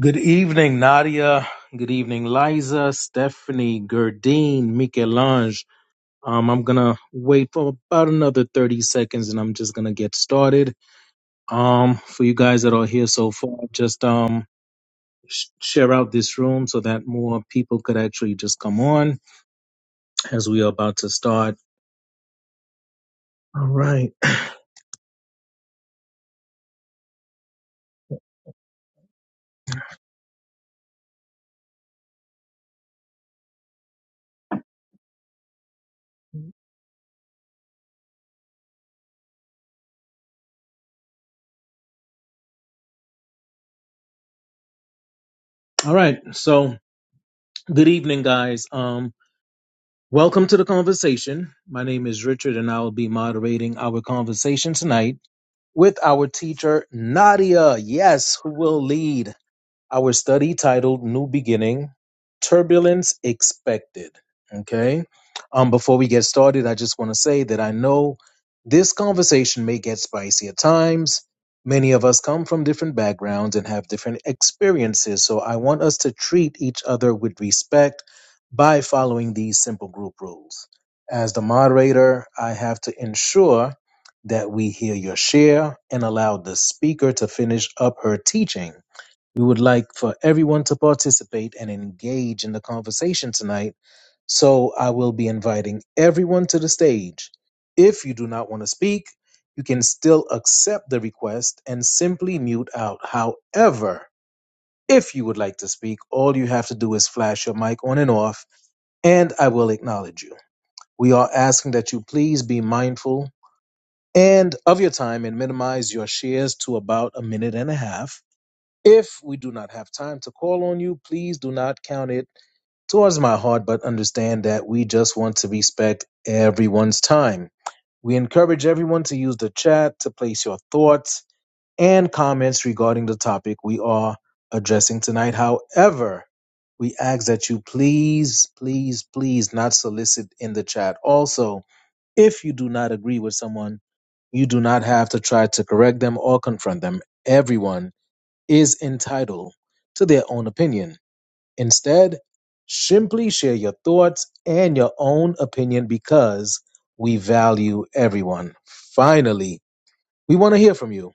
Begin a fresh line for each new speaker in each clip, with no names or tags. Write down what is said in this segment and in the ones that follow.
Good evening, Nadia. Good evening, Liza, Stephanie, Gerdine, Michelange. Um, I'm gonna wait for about another 30 seconds and I'm just gonna get started. Um, for you guys that are here so far, just um sh- share out this room so that more people could actually just come on as we are about to start. All right. All right. So, good evening, guys. Um, welcome to the conversation. My name is Richard, and I will be moderating our conversation tonight. with our teacher Nadia, yes, who will lead our study titled New Beginning Turbulence Expected. Okay. Um, before we get started, I just want to say that I know this conversation may get spicy at times. Many of us come from different backgrounds and have different experiences, so I want us to treat each other with respect by following these simple group rules. As the moderator, I have to ensure that we hear your share and allow the speaker to finish up her teaching we would like for everyone to participate and engage in the conversation tonight, so I will be inviting everyone to the stage. If you do not want to speak, you can still accept the request and simply mute out. However, if you would like to speak, all you have to do is flash your mic on and off, and I will acknowledge you. We are asking that you please be mindful and of your time and minimize your shares to about a minute and a half if we do not have time to call on you, please do not count it towards my heart, but understand that we just want to respect everyone's time. We encourage everyone to use the chat to place your thoughts and comments regarding the topic we are addressing tonight. However, we ask that you please, please, please not solicit in the chat. Also, if you do not agree with someone, you do not have to try to correct them or confront them. Everyone is entitled to their own opinion. Instead, simply share your thoughts and your own opinion because we value everyone. Finally, we want to hear from you.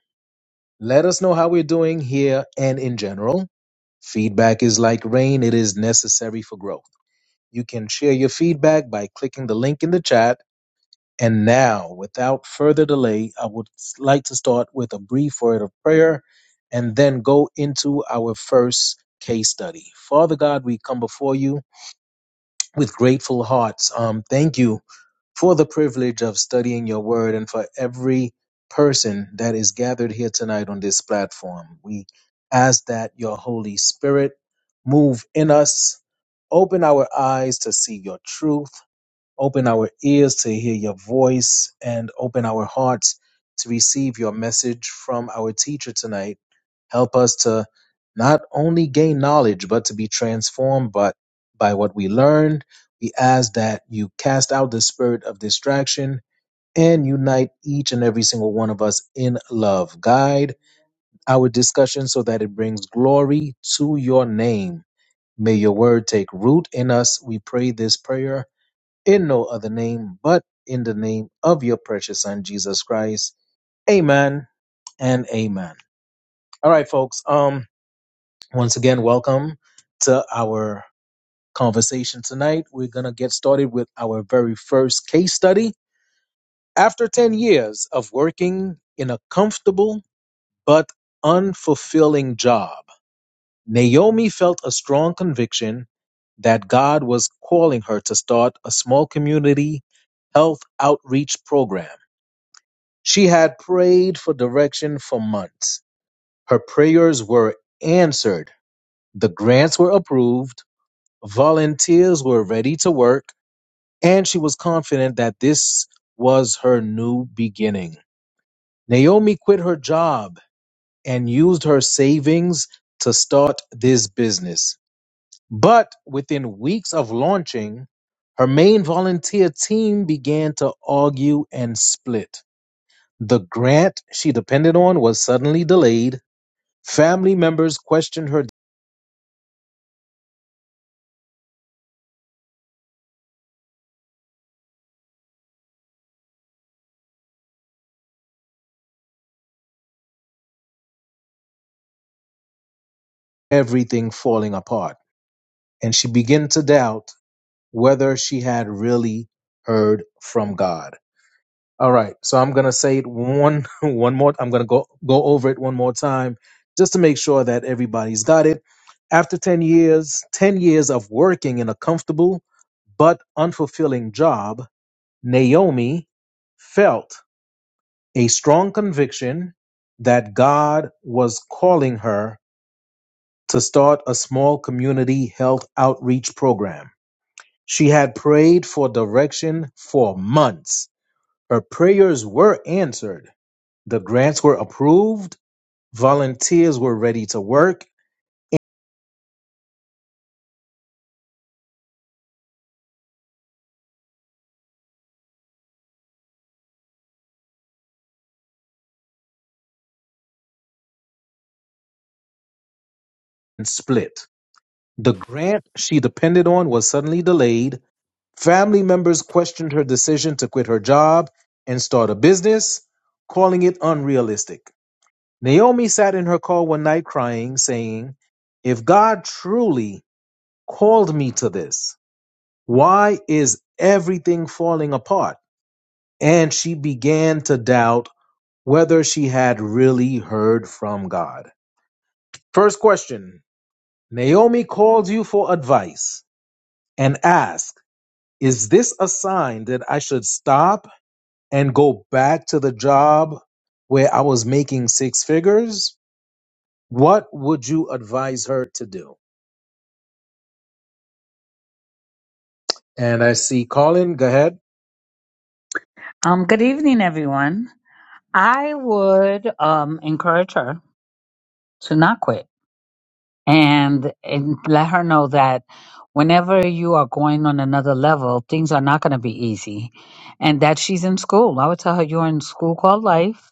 Let us know how we're doing here and in general. Feedback is like rain, it is necessary for growth. You can share your feedback by clicking the link in the chat and now, without further delay, I would like to start with a brief word of prayer and then go into our first case study. Father God, we come before you with grateful hearts. Um, thank you for the privilege of studying your word and for every person that is gathered here tonight on this platform. We ask that your Holy Spirit move in us open our eyes to see your truth Open our ears to hear your voice and open our hearts to receive your message from our teacher tonight. Help us to not only gain knowledge, but to be transformed by, by what we learned. We ask that you cast out the spirit of distraction and unite each and every single one of us in love. Guide our discussion so that it brings glory to your name. May your word take root in us. We pray this prayer in no other name but in the name of your precious son Jesus Christ. Amen and amen. All right, folks. Um, once again, welcome to our conversation tonight. We're gonna get started with our very first case study. After 10 years of working in a comfortable but unfulfilling job, Naomi felt a strong conviction that God was calling her to start a small community health outreach program She had prayed for direction for months. Her prayers were answered, the grants were approved, volunteers were ready to work, and she was confident that this was her new beginning. Naomi quit her job and used her savings to start this business. But within weeks of launching, her main volunteer team began to argue and split. The grant she depended on was suddenly delayed Family members questioned her everything falling apart, and she began to doubt whether she had really heard from God. All right, so I'm gonna say it one one more. I'm gonna go go over it one more time just to make sure that everybody's got it. After 10 years, 10 years of working in a comfortable but unfulfilling job, Naomi felt a strong conviction that God was calling her to start a small community health outreach program. She had prayed for direction for months. Her prayers were answered. The grants were approved, volunteers were ready to work, and split. The grant she depended on was suddenly delayed. Family members questioned her decision to quit her job and start a business, calling it unrealistic. Naomi sat in her car one night crying, saying, If God truly called me to this. Why is everything falling apart? And she began to doubt whether she had really heard from God. First question Naomi called you for advice and asked, Is this a sign that I should stop and go back to the job where I was making six figures? What would you advise her to do? And I see Colin, go ahead.
Um, good evening, everyone. I would um, encourage her to not quit and, and let her know that whenever you are going on another level, things are not going to be easy and that she's in school. I would tell her you're in school called life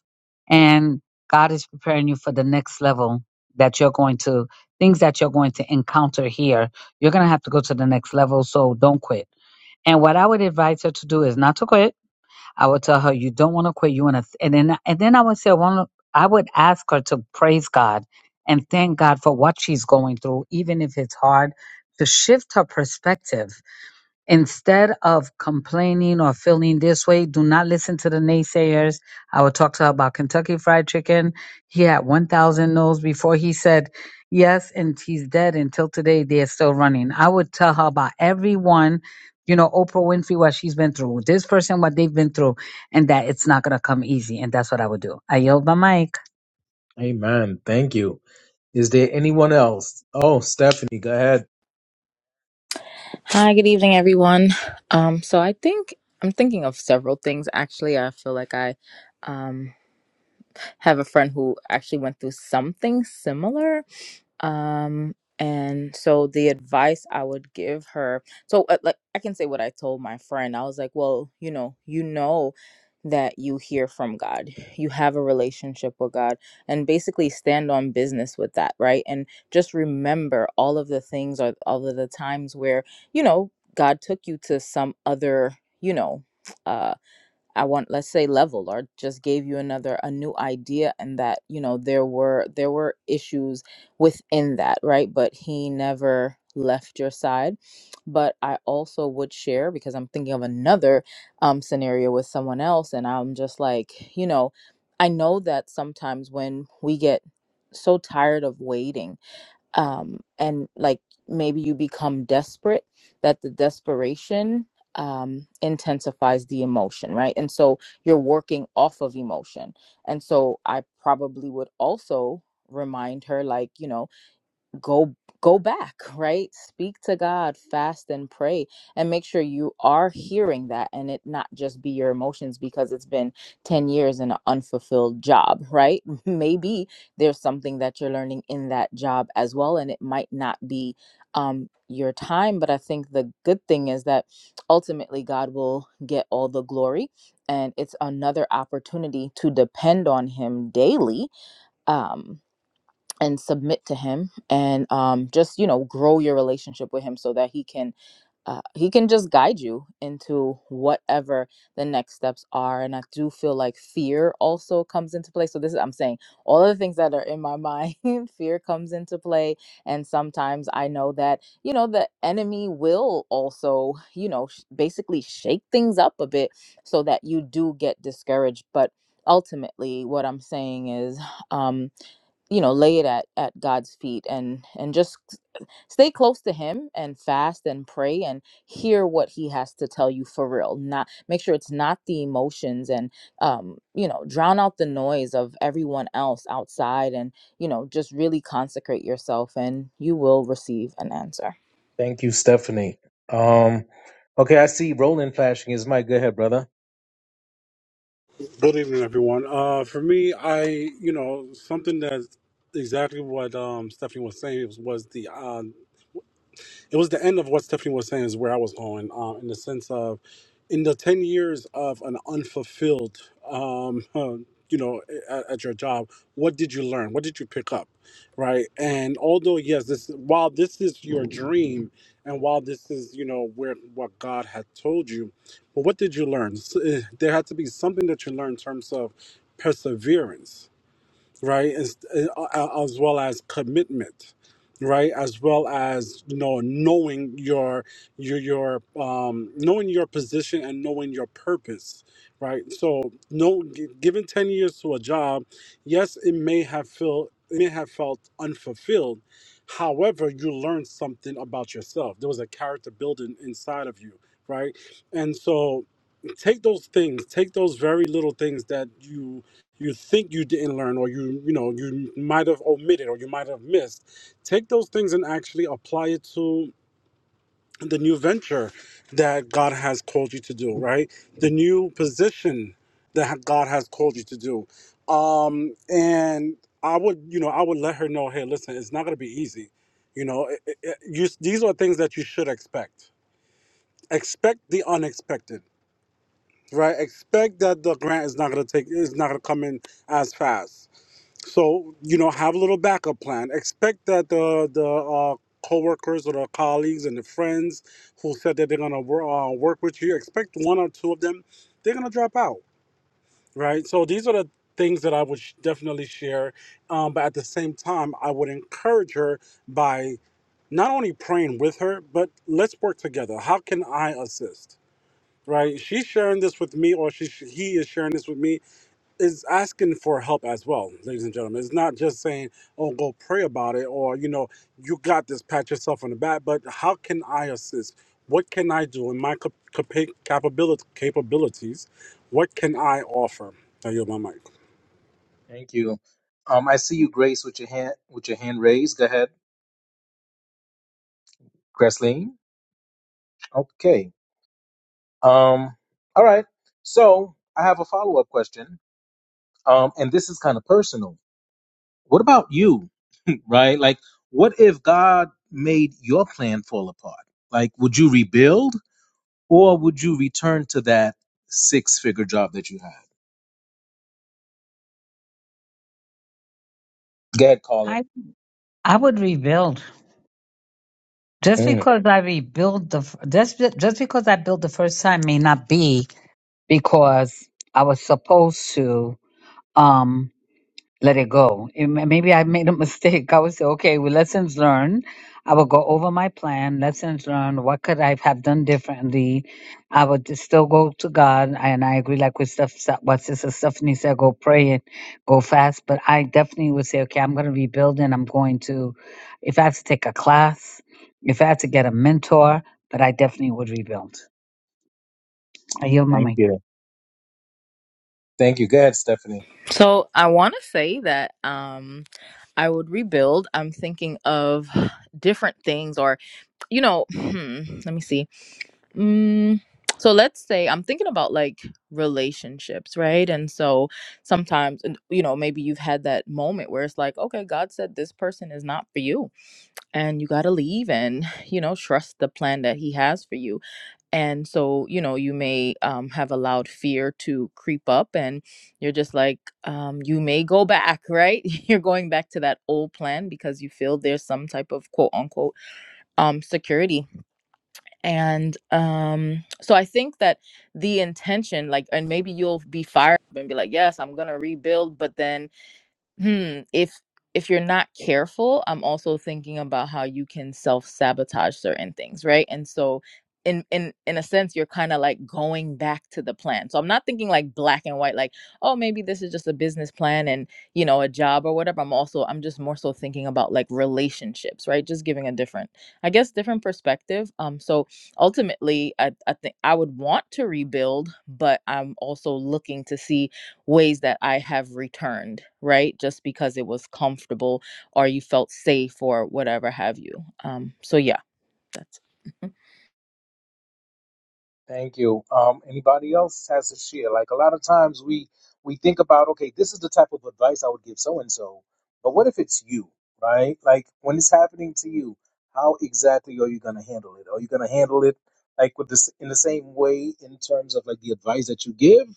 and God is preparing you for the next level that you're going to, things that you're going to encounter here. You're going to have to go to the next level, so don't quit. And what I would advise her to do is not to quit I would tell her, "You don't want to quit. You want to," and then and then I would say, "I want." I would ask her to praise God and thank God for what she's going through, even if it's hard, to shift her perspective Instead of complaining or feeling this way, do not listen to the naysayers. I will talk to her about Kentucky Fried Chicken. He had 1,000 no's before he said yes, and he's dead until today. They're still running. I would tell her about everyone, you know, Oprah Winfrey, what she's been through, this person, what they've been through, and that it's not going to come easy. And that's what I would do. I yelled my mic.
Amen. Thank you. Is there anyone else? Oh, Stephanie, go ahead.
Hi, good evening, everyone. Um, so I think I'm thinking of several things. Actually, I feel like I um, have a friend who actually went through something similar, um and so the advice i would give her so uh, like i can say what i told my friend i was like well you know you know that you hear from god you have a relationship with god and basically stand on business with that right and just remember all of the things or all of the times where you know god took you to some other you know uh. I want let's say level or just gave you another a new idea and that you know there were there were issues within that right but he never left your side but I also would share because I'm thinking of another um scenario with someone else and I'm just like you know I know that sometimes when we get so tired of waiting um, and like maybe you become desperate that the desperation um, intensifies the emotion right and so you're working off of emotion and so i probably would also remind her like you know go go back right speak to god fast and pray and make sure you are hearing that and it not just be your emotions because it's been 10 years in an unfulfilled job right maybe there's something that you're learning in that job as well and it might not be um your time but i think the good thing is that ultimately god will get all the glory and it's another opportunity to depend on him daily um and submit to him and um, just you know grow your relationship with him so that he can uh, he can just guide you into whatever the next steps are and i do feel like fear also comes into play so this is i'm saying all of the things that are in my mind fear comes into play and sometimes i know that you know the enemy will also you know sh- basically shake things up a bit so that you do get discouraged but ultimately what i'm saying is um you know lay it at at god's feet and and just stay close to him and fast and pray and hear what he has to tell you for real not make sure it's not the emotions and um you know drown out the noise of everyone else outside and you know just really consecrate yourself and you will receive an answer
Thank you, Stephanie. Um, okay, I see Roland flashing his mic. Go ahead, brother.
Good evening, everyone. Uh, for me, I you know something that's exactly what um, Stephanie was saying was, was the uh, it was the end of what Stephanie was saying is where I was going um, in the sense of in the 10 years of an unfulfilled um, uh, you know at, at your job what did you learn what did you pick up right and although yes this while this is your dream and while this is you know where what god had told you but what did you learn S- eh, there had to be something that you learned in terms of perseverance right? As, uh, uh, as well as commitment, right? As well as you know knowing your your your um, knowing your position and knowing your purpose, right? So no, gi- given ten years to a job, yes, it may have felt it may have felt unfulfilled. However, you learned something about yourself. There was a character building inside of you, right? And so take those things, take those very little things that you you think you didn't learn or you you know you might have omitted or you might have missed take those things and actually apply it to the new venture that god has called you to do right the new position that ha- god has called you to do um and i would you know i would let her know hey listen it's not going to be easy you know it, it, it- you, these are things that you should expect expect the unexpected right expect that the grant is not going to take is not going to come in as fast so you know, have a little backup plan. Expect that the the uh, coworkers or the colleagues and the friends who said that they're gonna wor- uh, work with you, expect one or two of them, they're gonna drop out, right? So these are the things that I would sh- definitely share. Um, but at the same time, I would encourage her by not only praying with her, but let's work together. How can I assist? Right? She's sharing this with me, or she he is sharing this with me is asking for help as well, ladies and gentlemen. It's not just saying, "Oh, go pray about it," or you know, "You got this." Pat yourself on the back. But how can I assist? What can I do in my cap- capa- capabilit- capabilities? What can I offer? I yield my mic.
Thank you. Um, I see you, Grace, with your hand with your hand raised. Go ahead, Gresleen. Okay. Um, all right. So I have a follow up question. Um, and this is kind of personal. What about you? Right? Like, what if God made your plan fall apart? Like, would you rebuild or would you return to that six figure job that you had? Good, Colin.
I, I would rebuild. Just
Mm,
because I rebuild the, f- just, just because I built the first time may not be because I was supposed to um, let it go. And ma- Maybe I made a mistake. I would say, okay, well, lessons learned. I would go over my plan, lessons learned. What could I have done differently? I would just still go to God. And I agree, like with stuff, what Sister Stephanie said, go pray and go fast. But I definitely would say, okay, I'm going to rebuild and I'm going to, if I have to take a class, if I have to get a mentor, but I definitely would rebuild. I yield my
thank
mic.
you. Thank you. Good, Stephanie.
so i want to say that um i would rebuild i'm thinking of different things or you know let me see Mm, so let's say I'm thinking about like relationships, right? And so sometimes, and, you know, maybe you've had that moment where it's like, okay, God said this person is not for you and you got to leave and, you know, trust the plan that He has for you. And so, you know, you may um, have allowed fear to creep up and you're just like, um, you may go back, right? You're going back to that old plan because you feel there's some type of quote unquote um, security and um so i think that the intention like and maybe you'll be fired up and be like yes i'm gonna rebuild but then Hmm. If if you're not careful, I'm also thinking about how you can self sabotage certain things, right? And so, in in in a sense, you're kind of like going back to the plan. So I'm not thinking like black and white, like oh maybe this is just a business plan and you know a job or whatever. I'm also I'm just more so thinking about like relationships, right? Just giving a different, I guess, different perspective. Um. So ultimately, I I think I would want to rebuild, but I'm also looking to see ways that I have returned, right? Just because it was comfortable or you felt safe or whatever have you. Um, so yeah, that's.
Thank you. Um, anybody else has a share? Like a lot of times we we think about, okay, this is the type of advice I would give so and so, but what if it's you, right? Like when it's happening to you, how exactly are you gonna handle it? Are you gonna handle it like with this in the same way in terms of like the advice that you give,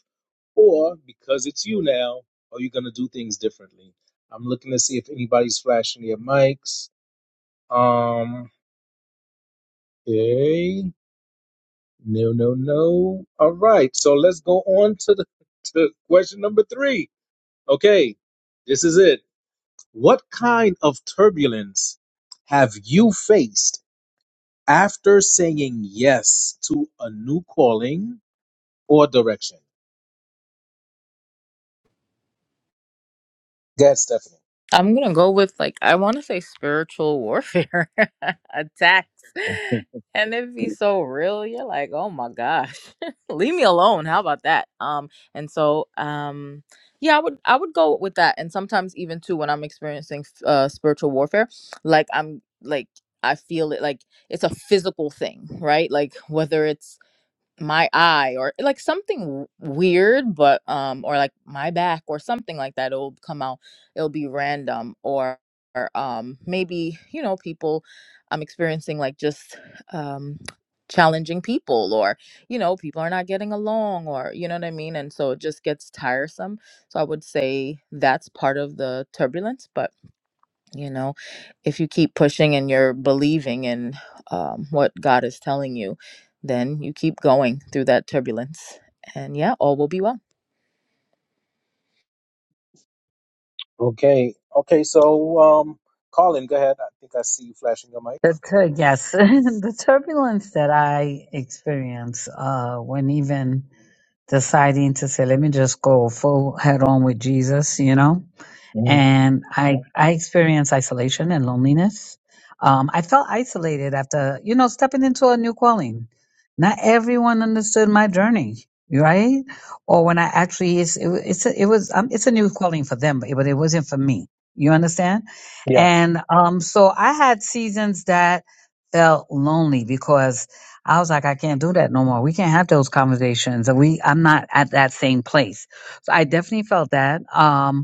or because it's you now, are you gonna do things differently? I'm looking to see if anybody's flashing their mics. Um, okay. No, no, no. All right. So let's go on to the to question number three. Okay. This is it. What kind of turbulence have you faced after saying yes to a new calling or direction? Go ahead, Stephanie.
I'm gonna go with like I want to say spiritual warfare attacks,
Yeah.
and it be so real. You're like, oh my gosh, leave me alone. How about that? Um, and so um, yeah, I would I would go with that. And sometimes even too when I'm experiencing uh spiritual warfare, like I'm like I feel it like it's a physical thing, right? Like whether it's my eye or like something w- weird but um or like my back or something like that it'll come out it'll be random or, or um maybe you know people i'm experiencing like just um challenging people or you know people are not getting along or you know what i mean and so it just gets tiresome so i would say that's part of the turbulence but you know if you keep pushing and you're believing in um, what god is telling you then you keep going through that turbulence and yeah all will be well
Okay. Okay. So, um, Colin, go ahead. I think I see you flashing your mic.
The tur yes, the turbulence that I experience uh, when even deciding to say, let me just go full head on with Jesus, you know,
Mhm.
and I I experienced isolation and loneliness. Um, I felt isolated after you know stepping into a new calling. Not everyone understood my journey, right? Or when I actually it's it, wa- it's a, it was um, it's a new calling for them, but it, but it wasn't for me. You understand?
Yeah.
And um, so I had seasons that felt lonely because I was like, I can't do that no more. We can't have those conversations, and we I'm not at that same place. So I definitely felt that. Um,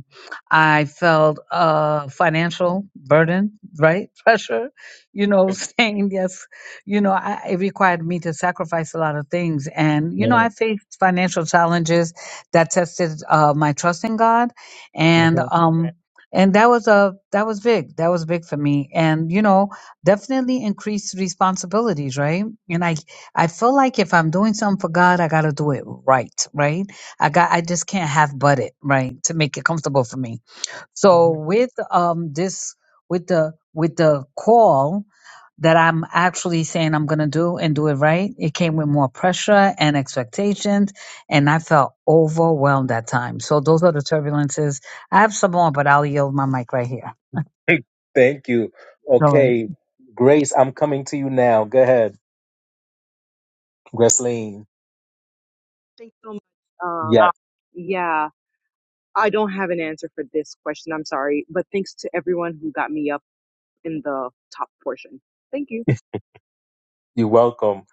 I felt uh, financial burden, right? Pressure, you know, saying yes. You know, I, it required me to sacrifice a lot of things. And, you know,
Mhm.
I faced financial challenges that tested uh, my trust in God. And,
Mhm.
um, and that was a that was big that was big for me and you know definitely increased responsibilities right and i i feel like if i'm doing something for god i gotta do it right right i got i just can't half butt it right to make it comfortable for me so
Mhm.
with um this with the with the call that I'm actually saying I'm going to do and do it right, it came with more pressure and expectations and I felt overwhelmed at times. So those are the turbulences. I have some more but I'll yield my mic right here.
Thank you.
All right.
Okay. Grace, I'm coming to you now. Go ahead. Gresleen.
Thanks so much.
Yeah,
Um, yeah, I don't have an answer for this question. I'm sorry, but thanks to everyone who got me up in the top portion. Thank you.
you're welcome.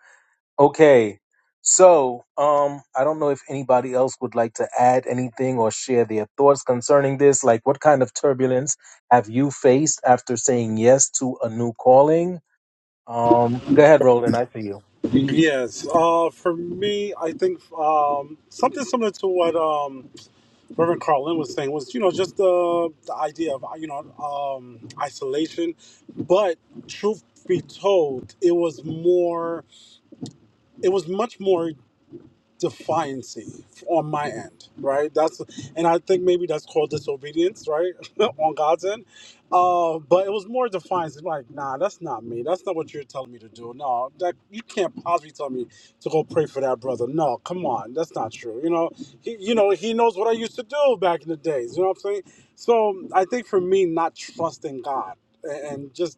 Okay, so um, I don't know if anybody else would like to add anything or share their thoughts concerning this. Like, what kind of turbulence have you faced after saying yes to a new calling? Um, go ahead, Roland. I see you.
Yes, uh, for me, I think um, something similar to what um, Reverend Carlin was saying was, you know, just the, the idea of, you know, um, isolation. But truth be told, it was more. it was much more defiancy on my end, right? That's and I think maybe that's called disobedience, right, on God's end. Uh, but it was more defiance. It's like, nah, that's not me. That's not what you're telling me to do. No, that you can't possibly tell me to go pray for that brother. No, come on, that's not true. You know, he, you know, he knows what I used to do back in the days. You know what I'm saying? So I think for me, not trusting God and and just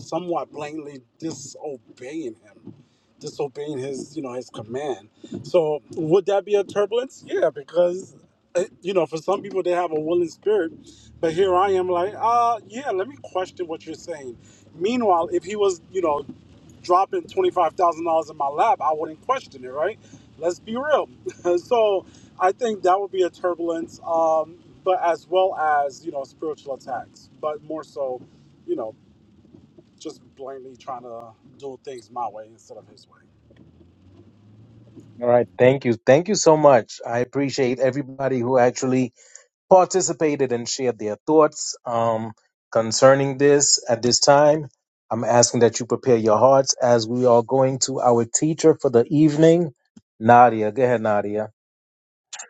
somewhat blatantly disobeying him, disobeying his, you know, his command. So would that be a turbulence? Yeah, because uh, you know, for some people they have a willing spirit, but here I am like, uh, yeah, let me question what you're saying. Meanwhile, if he was, you know, dropping twenty five thousand dollars in my lap, I wouldn't question it, right? Let's be real. so I think that would be a turbulence, um, but as well as you know, spiritual attacks, but more so. You know, just blindly trying to do things my way instead of his way.
All right, thank you, thank you so much. I appreciate everybody who actually participated and shared their thoughts um, concerning this at this time. I'm asking that you prepare your hearts as we are going to our teacher for the evening, Nadia. Go ahead, Nadia.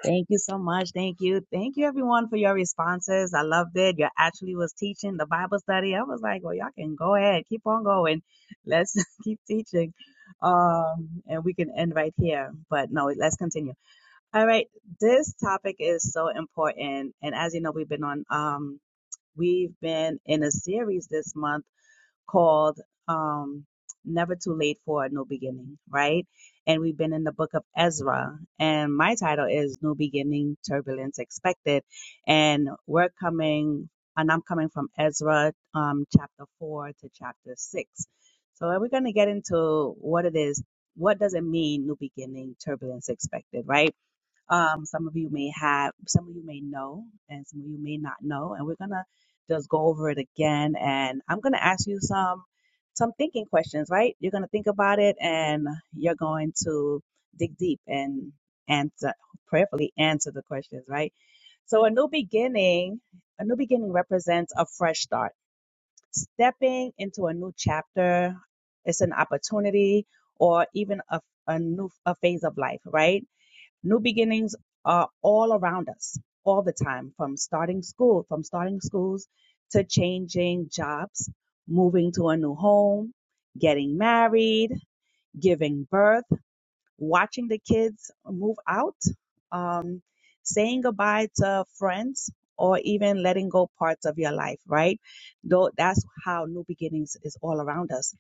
Thank you so much. Thank you. Thank you everyone for your responses. I loved it. You actually was teaching the Bible study. I was like, well, y'all can go ahead. Keep on going. Let's keep teaching. Um, and we can end right here. But no, let's continue. All right. This topic is so important. And as you know, we've been on um we've been in a series this month called um, Never Too Late for a New Beginning, right? And we've been in the book of Ezra, and my title is New Beginning Turbulence Expected. And we're coming, and I'm coming from Ezra um, chapter 4 to chapter 6. So we're going to get into what it is. What does it mean, new beginning, turbulence expected, right? Um, some of you may have, some of you may know, and some of you may not know. And we're gonna just go over it again. And I'm gonna ask you some some thinking questions, right? You're gonna think about it, and you're going to dig deep and answer prayerfully answer the questions, right? So a new beginning, a new beginning represents a fresh start, stepping into a new chapter. It's an opportunity or even a, a new a phase of life, right? New beginnings are all around us all the time from starting school, from starting schools to changing jobs, moving to a new home, getting married, giving birth, watching the kids move out, um, saying goodbye to friends, or even letting go parts of your life, right? Though that's how new beginnings is all around us.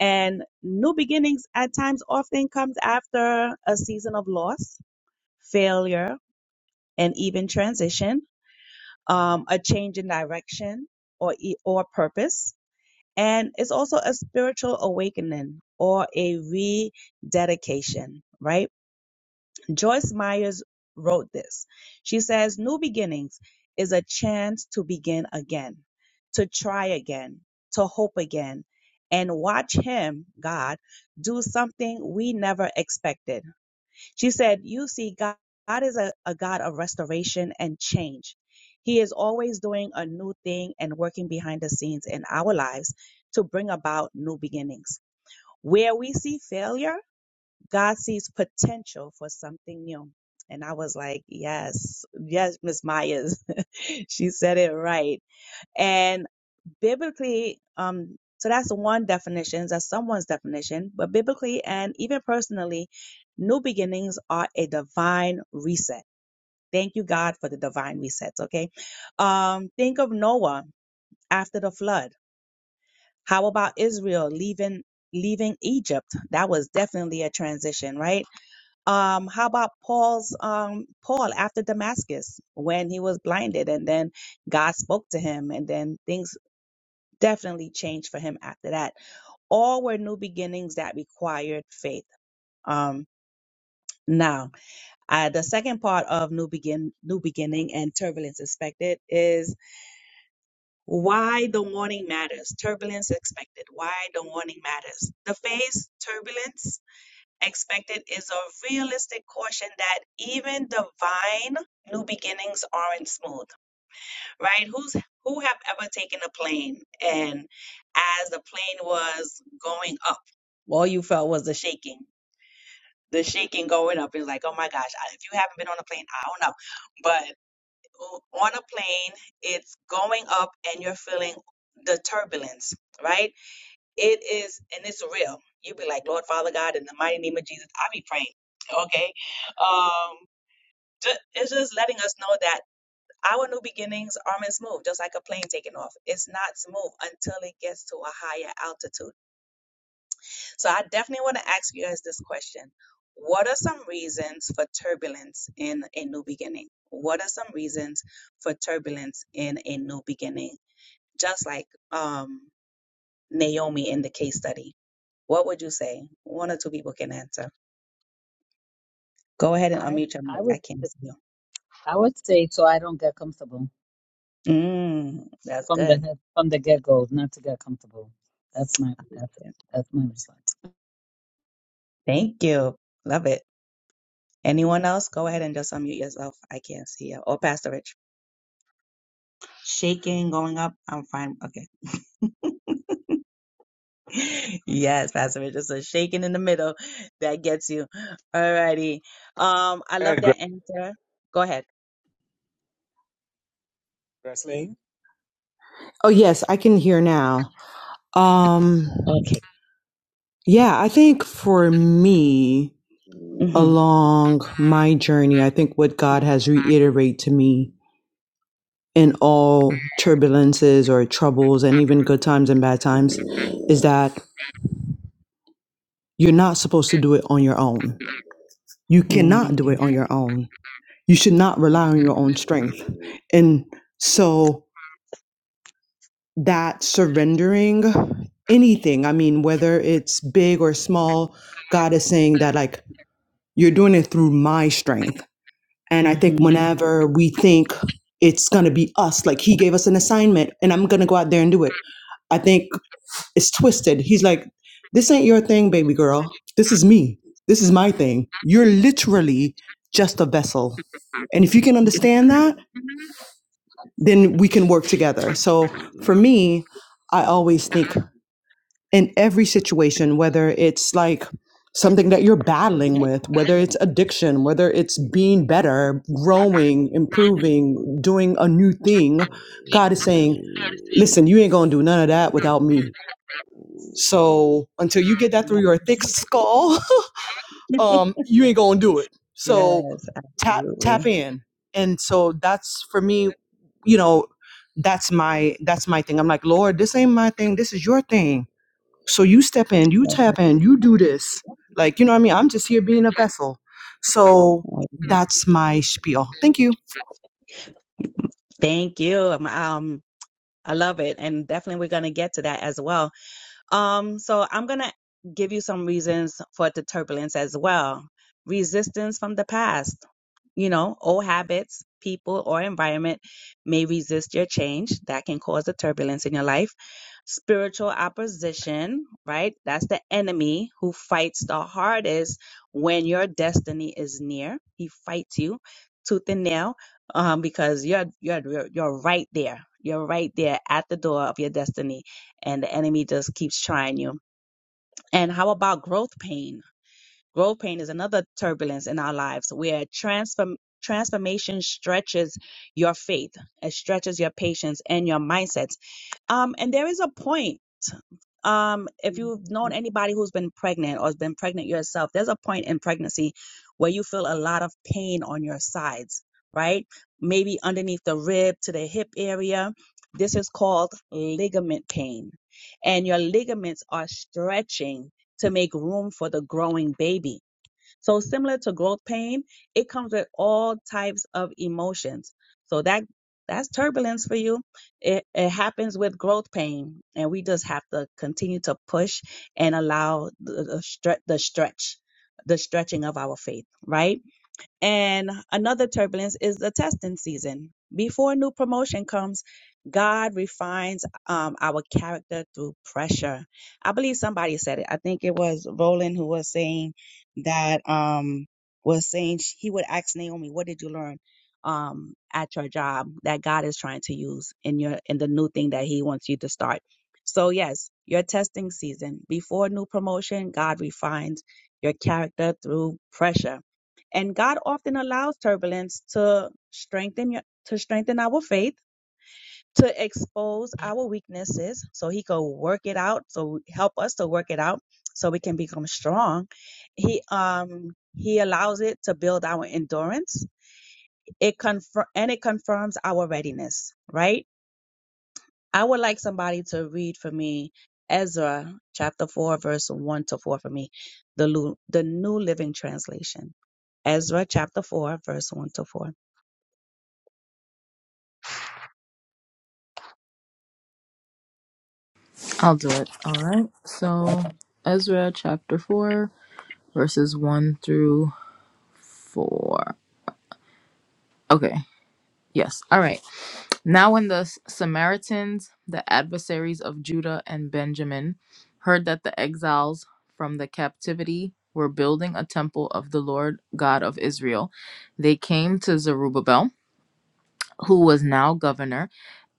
And new beginnings at times often comes after a season of loss, failure, an even transition, um, a change in direction or e- or purpose, and it's also a spiritual awakening or a rededication. Right? Joyce Myers wrote this. She says, "New beginnings is a chance to begin again, to try again, to hope again." And watch him, God, do something we never expected she said, You see, God, God is a, a God of restoration and change. He is always doing a new thing and working behind the scenes in our lives to bring about new beginnings. Where we see failure, God sees potential for something new. And I was like, yes, yes, Miss Myers. she said it right. And biblically um so that's one definition that's someone's definition but biblically and even personally new beginnings are a divine reset thank you god for the divine resets okay um think of noah after the flood how about israel leaving leaving egypt that was definitely a transition right um how about paul's um paul after damascus when he was blinded and then god spoke to him and then things definitely changed for him after that all were new beginnings that required faith. Um, now, uh, the second part of new begin, new beginning, and turbulence expected is why the warning matters. Turbulence expected. Why the warning matters. The phase turbulence expected is a realistic caution that even divine new beginnings aren't smooth. Right? Who's who have ever taken a plane and as the plane was going up, all you felt was the shaking the shaking going up is like, oh my gosh, I- if you haven't been on a plane, I don't know. But o- on a plane, it's going up and you're feeling the turbulence, right? It is, and it's real. you be like, Lord, Father God, in the mighty name of Jesus, I be praying, okay? Um, ju- it's just letting us know that our new beginnings aren't smooth, just like a plane taking off. It's not smooth until it gets to a higher altitude so I definitely want to ask you guys this question. What are some reasons for turbulence in a new beginning? What are some reasons for turbulence in a new beginning? Just like um, Naomi in the case study. What would you say? One or two people can answer. Go ahead and
I
unmute your
I
mic.
would
I can't see you.
I would say so I don't get comfortable
Mm, that's
from the
good.
head- from the get-go, not to get comfortable. That's my
I love
that's
it.
that's my response.
Thank you. Love it. Anyone else? Go ahead and just unmute yourself. I can't see you. Or Pastor Rich. Shaking, going up. I'm fine. Okay. Yes, Pastor Mitchell. So shaking in the middle, that gets you. All righty. Um, I
Go
love
ahead, Gre-
that answer. Go ahead.
Gresleen.
Oh, yes, I can hear now. Um,
Okay.
yeah, I think for me,
Mm-hmm.
along my journey, I think what God has reiterated to me in all turbulences or troubles and even good times and bad times is that you're not supposed to do it on your own. You cannot
Mm-hmm.
do it on your own. You should not rely on your own strength. And so that surrendering anything, I mean, whether it's big or small, God is saying that, like, you're doing it through my strength. And I think
Mm-hmm.
whenever we think it's going to be us, like, He gave us an assignment and I'm going to go out there and do it, I think it's twisted. He's like, this ain't your thing, baby girl. This is me. This is my thing. You're literally just a vessel. And if you can understand that, then we can work together. So for me, I always think in every situation, whether it's like something that you're battling with, whether it's addiction, whether it's being better, growing, improving, doing a new thing, God is saying, listen, you ain't going to do none of that without me. So until you get that through
Yes.
your thick skull, um, you ain't gonna do it. So
Yes.
tap tap
Absolutely.
in. And so that's for me, you know, that's my that's my thing. I'm like, Lord, this ain't my thing. This is your thing. So you step in, you tap in, you do this. Like, you know what I mean? I'm just here being a vessel. So that's my spiel. Thank you.
Thank you. Um, um, I love it, and definitely we're gonna get to that as well. Um, so I'm gonna give you some reasons for the turbulence as well. Resistance from the past. you know, old habits, people, or environment may resist your change. That can cause a turbulence in your life. Spiritual opposition, right? That's the enemy who fights the hardest when your destiny is near. He fights you tooth and nail um, because you're, you're you're you're right there. You're right there at the door of your destiny, and the enemy just keeps trying you. And how about growth pain? Growth pain is another turbulence in our lives where transform, transformation stretches your faith, it stretches your patience and your mindsets. Um, and there is a point. Um, if you've known anybody who's been pregnant or has been pregnant yourself, there's a point in pregnancy where you feel a lot of pain on your sides, right? Maybe underneath the rib to the hip area. This is called ligament pain. And your ligaments are stretching to make room for the growing baby so similar to growth pain, it comes with all types of emotions. So that that's turbulence for you. It, it happens with growth pain, and we just have to continue to push and allow the, the, stre- the stretch, the stretching of our faith, right? And another turbulence is the testing season. Before a new promotion comes, God refines um, our character through pressure. I believe somebody said it. I think it was Roland who was saying that um, was saying sh- he would ask Naomi, "What did you learn um, at your job that God is trying to use in your in the new thing that He wants you to start?" So yes, your testing season before a new promotion, God refines your character through pressure and God often allows turbulence to strengthen your, to strengthen our faith, to expose our weaknesses, so He could work it out, so help us to work it out, so we can become strong. He um He allows it to build our endurance. It confirm and it confirms our readiness. Right. I would like somebody to read for me Ezra chapter four, verse one to four for me, the Lu- the New Living Translation. Ezra chapter 4, verse 1 to 4.
I'll do it. All right. So, Ezra chapter 4, verses 1 through 4. Okay. Yes. All right. Now, when the S- Samaritans, the adversaries of Judah and Benjamin, heard that the exiles from the captivity were building a temple of the Lord God of Israel, they came to Zerubbabel, who was now governor,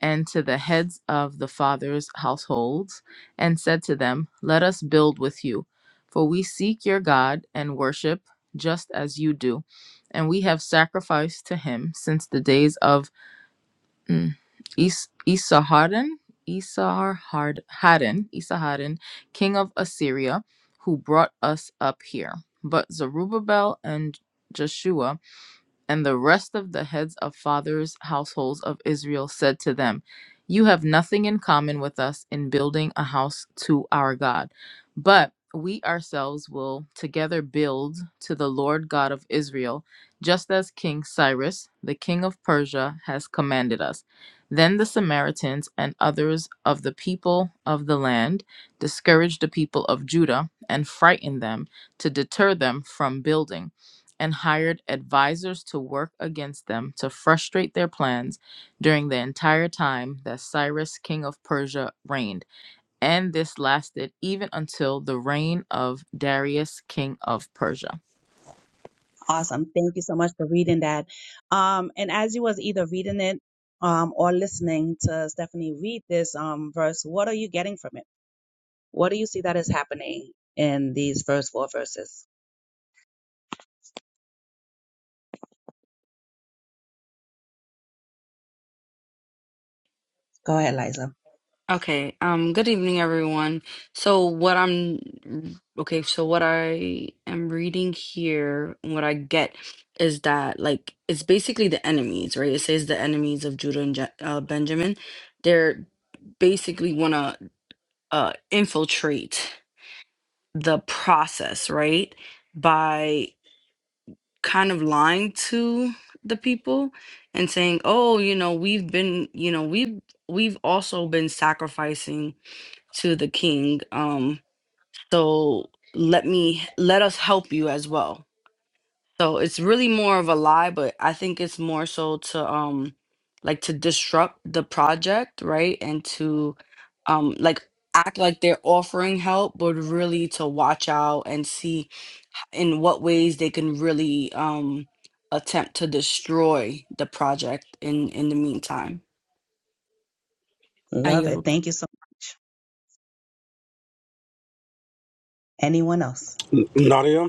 and to the heads of the fathers' households, and said to them, Let us build with you, for we seek your God and worship just as you do. And we have sacrificed to him since the days of Mm. Is- Esarhaddon, Esarhad- Haddon, Esarhaddon, king of Assyria, who brought us up here. But Zerubbabel and Jeshua and the rest of the heads of fathers' households of Israel said to them, You have nothing in common with us in building a house to our God, but we ourselves will together build to the Lord God of Israel, just as King Cyrus, the king of Persia, has commanded us. Then the Samaritans and others of the people of the land discouraged the people of Judah and frightened them to deter them from building and hired advisors to work against them to frustrate their plans during the entire time that Cyrus, king of Persia, reigned. And this lasted even until the reign of Darius, king of Persia.
Awesome. Thank you so much for reading that. Um, and as you was either reading it um, or listening to Stephanie read this um, verse, what are you getting from it? What do you see that is happening in these first four verses? Go ahead, Liza.
Okay, um, good evening, everyone. So what I'm okay, so what I am reading here and what I get is that like it's basically the enemies, right? It says the enemies of Judah and Je- uh, Benjamin. They're basically want to uh infiltrate the process, right? By kind of lying to the people and saying, "Oh, you know, we've been, you know, we've we've also been sacrificing to the king um so let me let us help you as well so it's really more of a lie but i think it's more so to um like to disrupt the project right and to um like act like they're offering help but really to watch out and see in what ways they can really um attempt to destroy the project in in the meantime I
Love
yield.
it. Thank you so much. Anyone else?
Nadia,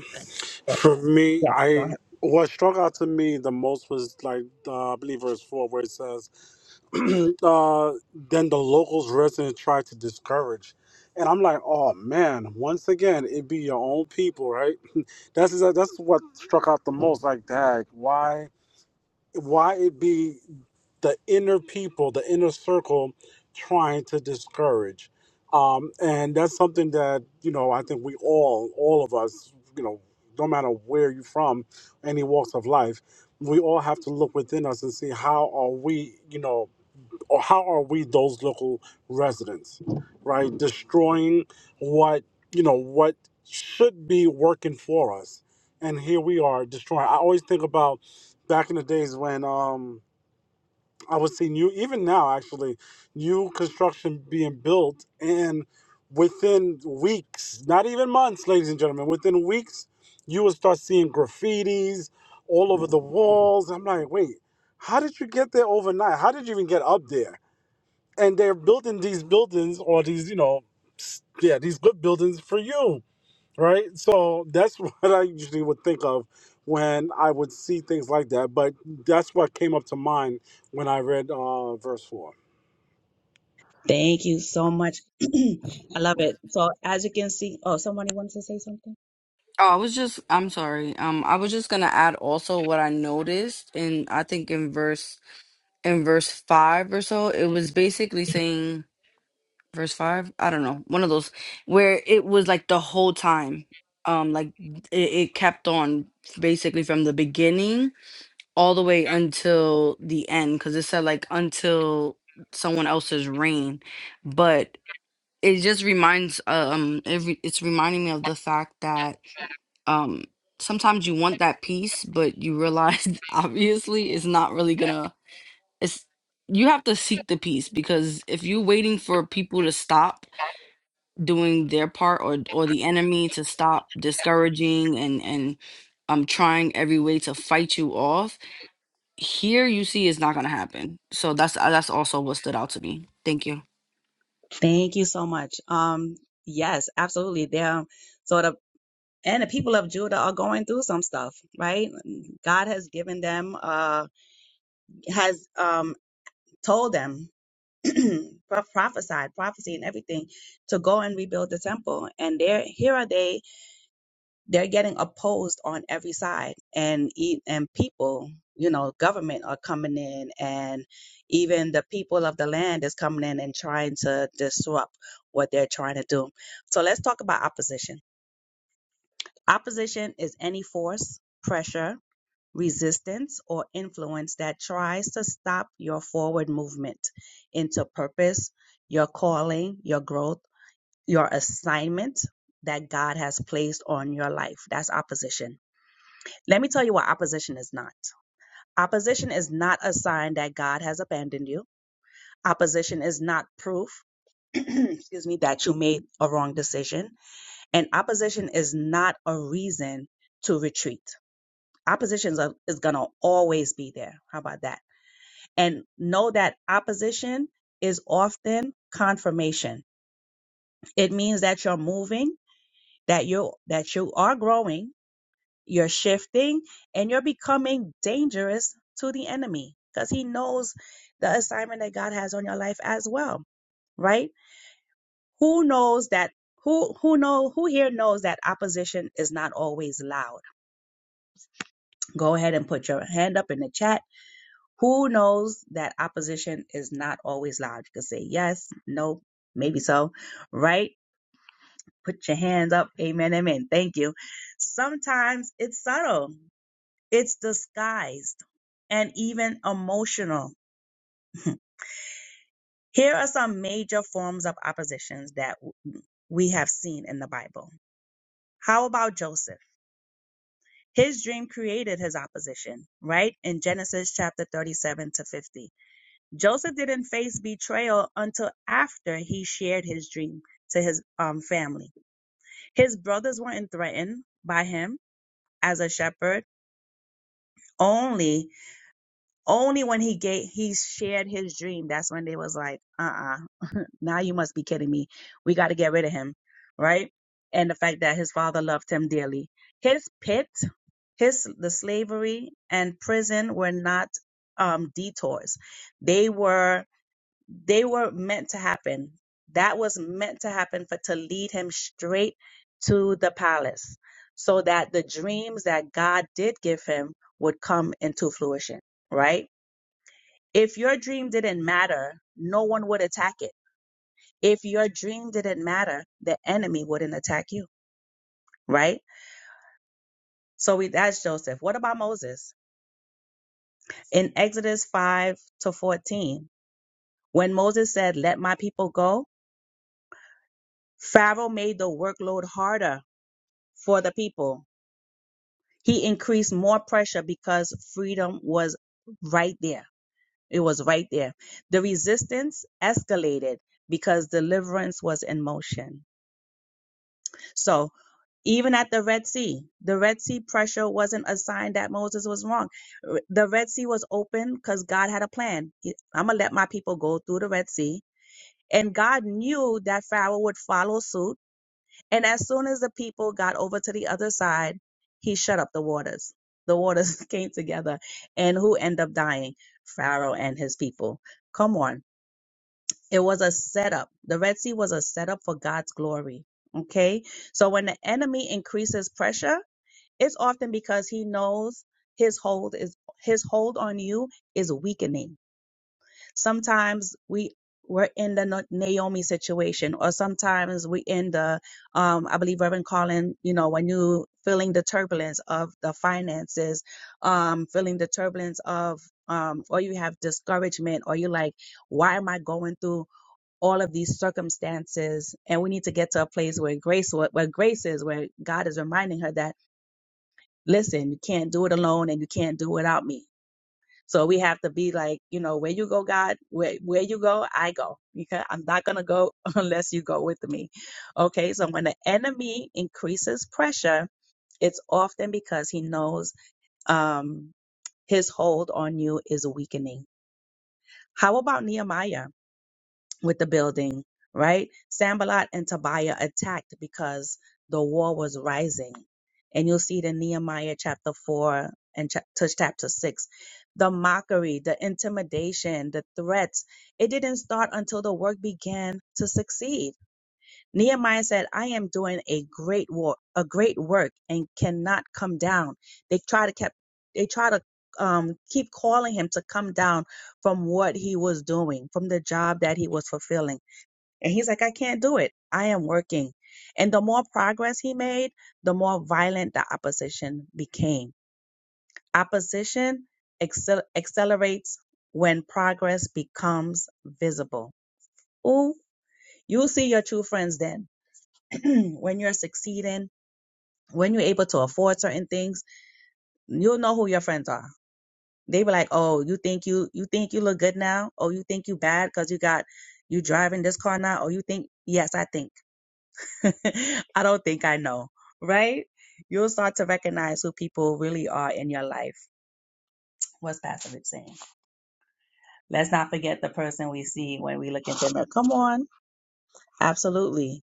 for me,
Yes. Go ahead.
I what struck out to me the most was like uh, I believe verse four where it says, uh, "Then the locals resident tried to discourage," and I'm like, "Oh man!" Once again, it be your own people, right? That's that's what struck out the most. Like, dag, why? why it be the inner people, the inner circle, trying to discourage. Um, and that's something that you know I think we all, all of us, you know, no matter where you're from, any walks of life, we all have to look within us and see how are we, you know or how are we those local residents right destroying what you know what should be working for us and here we are destroying i always think about back in the days when um i was seeing new even now actually new construction being built and within weeks not even months ladies and gentlemen within weeks you will start seeing graffitis all over the walls i'm like wait how did you get there overnight how did you even get up there and they're building these buildings or these you know s- yeah these good buildings for you right so that's what i usually would think of when i would see things like that but that's what came up to mind when i read uh, verse 4
Thank you so much. I love it. So as you can see, oh, somebody wants to say something.
Oh, I was just, I'm sorry. Um, I was just gonna add also what I noticed in, I think in verse, in verse five or so, it was basically saying, verse five, I don't know, one of those where it was like the whole time. Um, like it, it kept on basically from the beginning all the way until the end, because it said like until someone else's reign. But it just reminds um it re- it's reminding me of the fact that um sometimes you want that peace but you realize obviously it's not really gonna it's you have to seek the peace because if you're waiting for people to stop doing their part or or the enemy to stop discouraging and and um trying every way to fight you off here you see it's not gonna happen so that's uh, that's also what stood out to me thank you
Thank you so much. Um, yes, absolutely. They're sort of, and the people of Judah are going through some stuff, right? God has given them, uh, has um, told them, pro- prophesied, prophecy, and everything to go and rebuild the temple. And there, here are they they're getting opposed on every side and e- and people you know government are coming in and even the people of the land is coming in and trying to disrupt what they're trying to do so let's talk about opposition opposition is any force pressure resistance or influence that tries to stop your forward movement into purpose your calling your growth your assignment that god has placed on your life that's opposition let me tell you what opposition is not. Opposition is not a sign that God has abandoned you. Opposition is not proof, excuse me, that you made a wrong decision. And opposition is not a reason to retreat. Opposition is, is going to always be there. How about that? And know that opposition is often confirmation. It means that you're moving, that you that you are growing, You're shifting and you're becoming dangerous to the enemy because he knows the assignment that God has on your life as well, right? Who knows that who who know who here knows that opposition is not always loud? Go ahead and put your hand up in the chat. Who knows that opposition is not always loud? You can say yes, no, maybe so, right? Put your hands up. Amen, amen. Thank you. Sometimes it's subtle It's disguised and even emotional. Here are some major forms of oppositions that we have seen in the Bible. How about Joseph? His dream created his opposition, right? In Genesis chapter 37 to 50. Joseph didn't face betrayal until after he shared his dream to his um, family. His brothers weren't threatened by him as a shepherd. Only Only when he gave, he shared his dream. That's when they was like, uh-uh, now you must be kidding me. We got to get rid of him, right? And the fact that his father loved him dearly. His pit, his the slavery and prison were not um, detours. They were they were meant to happen. That was meant to happen for to lead him straight to the palace, so that the dreams that God did give him would come into fruition, right? If your dream didn't matter, no one would attack it. If your dream didn't matter, the enemy wouldn't attack you, right? So we that's Joseph. What about Moses? In Exodus 5 to 14, when Moses said, "Let my people go," Pharaoh made the workload harder for the people. He increased more pressure because freedom was right there. It was right there. The resistance escalated because deliverance was in motion. So Even at the Red Sea, the Red Sea pressure wasn't a sign that Moses was wrong. The Red Sea was open because God had a plan. I'm going to let my people go through the Red Sea. And God knew that Pharaoh would follow suit. And as soon as the people got over to the other side, he shut up the waters. The waters came together. And who ended up dying? Pharaoh and his people. Come on. It was a setup. The Red Sea was a setup for God's glory. Okay. So when the enemy increases pressure, it's often because he knows his hold is his hold on you is weakening. Sometimes we we're in the Na- Naomi situation, or sometimes we in the um, I believe Reverend Colin, you know, when you feeling the turbulence of the finances, um, feeling the turbulence of um, or you have discouragement, or you like, why am I going through all of these circumstances? And we need to get to a place where grace, where, where grace is, where God is reminding her that listen, you can't do it alone and you can't do it without me. So we have to be like, you know, where you go, God, where, where you go, I go. Because I'm not going to go unless you go with me. Okay. So when the enemy increases pressure, it's often because he knows um, his hold on you is weakening. How about Nehemiah? with the building, right? Sambalot and Tobiah attacked because the war was rising. And you'll see it in Nehemiah chapter 4 and chap- to chapter 6. The mockery, the intimidation, the threats, it didn't start until the work began to succeed. Nehemiah said, I am doing a great war, a great work and cannot come down. They try to kept, they try to um, keep calling him to come down from what he was doing, from the job that he was fulfilling and he's like, I can't do it. I am working. And the more progress he made, the more violent the opposition became. Opposition accel- accelerates when progress becomes visible. Ooh, you'll see your true friends then. when you're succeeding, when you're able to afford certain things, you'll know who your friends are. They were like, "Oh, you think you you think you look good now? Oh, you think you bad because you got you driving this car now? Oh, you think yes, I think." I don't think I know, right? You'll start to recognize who people really are in your life. What's Pastor Rich saying? Let's not forget the person we see when we look in the mirror. Come on. Absolutely.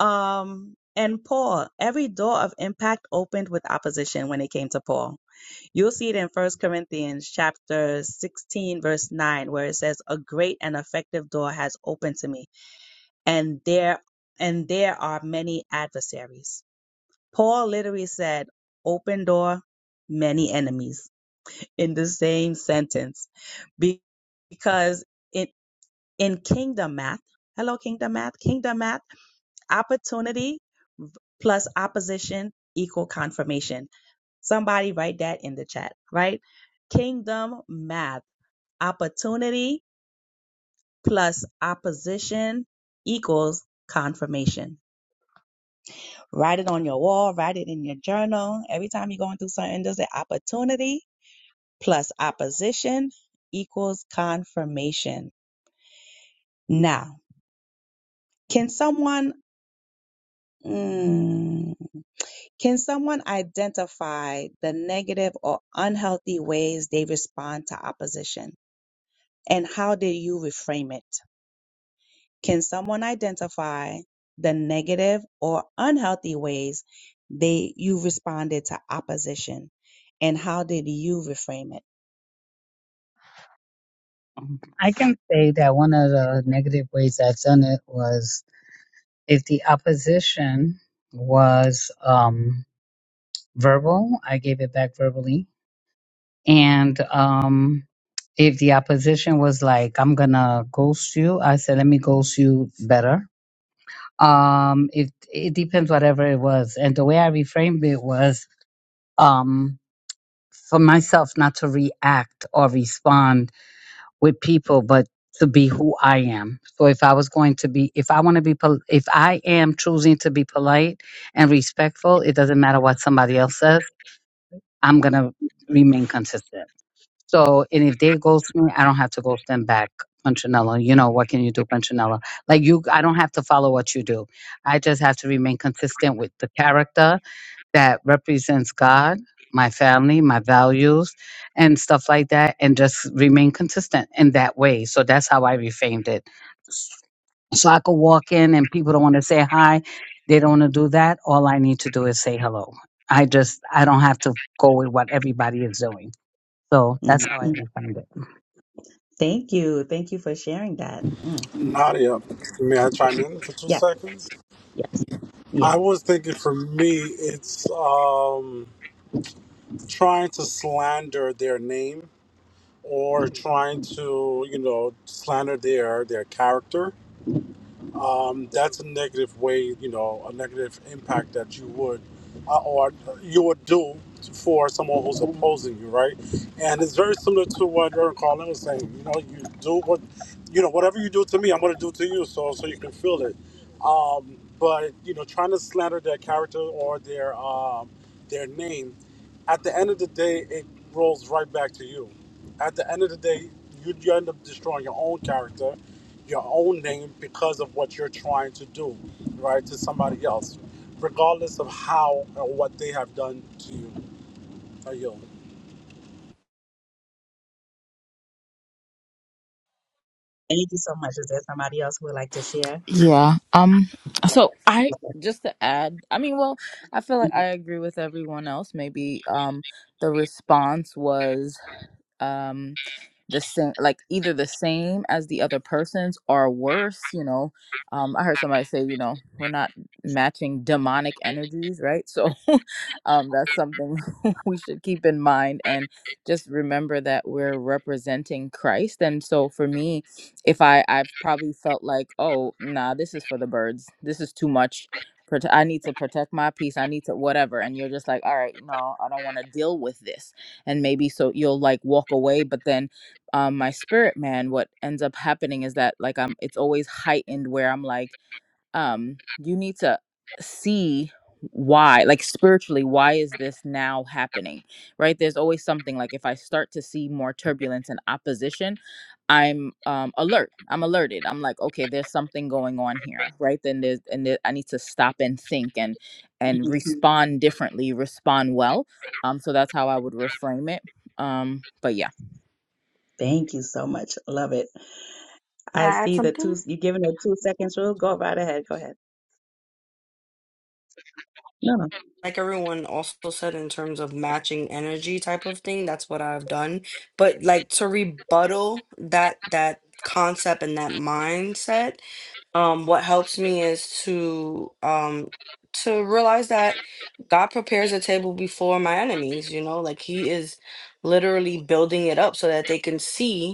Um, and Paul, every door of impact opened with opposition when it came to Paul. You'll see it in First Corinthians chapter 16, verse 9, where it says, A great and effective door has opened to me, and there and there are many adversaries. Paul literally said, open door, many enemies in the same sentence. Be- Because in, in kingdom math, hello, kingdom math, kingdom math, opportunity plus opposition equal confirmation. Somebody write that in the chat, right? Kingdom math, opportunity plus opposition equals confirmation. Write it on your wall, write it in your journal. Every time you're going through something, there's an opportunity plus opposition equals confirmation. Now, can someone mm, can someone identify the negative or unhealthy ways they respond to opposition and how did you reframe it? Can someone identify the negative or unhealthy ways they you responded to opposition and how did you reframe it?
I can say that one of the negative ways I've done it was If the opposition was um, verbal, I gave it back verbally. And um, if the opposition was like, I'm gonna ghost you, I said, let me ghost you better. Um, it, it depends, whatever it was. And the way I reframed it was um, for myself not to react or respond with people, but to be who I am. So if I was going to be, if I want to be, pol- if I am choosing to be polite and respectful, it doesn't matter what somebody else says. I'm gonna remain consistent. So, and if they ghost me, I don't have to ghost them back. Punchinella, you know what can you do, Punchinella? Like you, I don't have to follow what you do. I just have to remain consistent with the character that represents God, my family, my values, and stuff like that, and just remain consistent in that way. So that's how I reframed it. So I could walk in and people don't want to say hi, they don't want to do that. All I need to do is say hello. I just I don't have to go with what everybody is doing. So
No,
that's how I
mm,
refined it.
Thank you. Thank you for sharing that. Mm,
nadia may i chime in for two
Yes,
seconds
yes,
i was
yes.
thinking for me it's um, trying to slander their name or trying to you know slander their their character um, that's a negative way, you know, a negative impact that you would uh, or you would do for someone who's opposing you, right? And it's very similar to what Aaron Carlin was saying. You know, you do what, you know, whatever you do to me, I'm going to do to you, so so you can feel it. Um, but you know, trying to slander their character or their um, their name, at the end of the day, it rolls right back to you at the end of the day, you, you end up destroying your own character, your own name because of what you're trying to do, right, to somebody else, regardless of how or what they have done to you. I yield.
Thank you so much. Is there somebody else who would like to share?
Yeah. Um. So I just to add. I mean, well, I feel like I agree with everyone else. Maybe um the response was um the same, like either the same as the other person's or worse. You know. Um. I heard somebody say, you know, we're not matching demonic energies, right? So, um, that's something we should keep in mind and just remember that we're representing Christ. And so for me, if I I've probably felt like, oh, nah, this is for the birds. This is too much. Prote- I need to protect my peace. I need to whatever. And you're just like, all right, no, I don't want to deal with this. And maybe so you'll like walk away. But then, um, my spirit man, what ends up happening is that like I'm. It's always heightened where I'm like um you need to see why like spiritually why is this now happening right there's always something like if i start to see more turbulence and opposition i'm um alert i'm alerted i'm like okay there's something going on here right then there's and there, i need to stop and think and and respond differently respond well um so that's how i would reframe it um but yeah
Thank you so much. Love it.
Can
I
I add
see the two,
something?
you giving a two seconds rule. Go right ahead. Go ahead. No, no.
like everyone also said in terms of matching energy type of thing that's what i've done but like to rebuttal that that concept and that mindset um what helps me is to um to realize that god prepares a table before my enemies you know like he is literally building it up so that they can see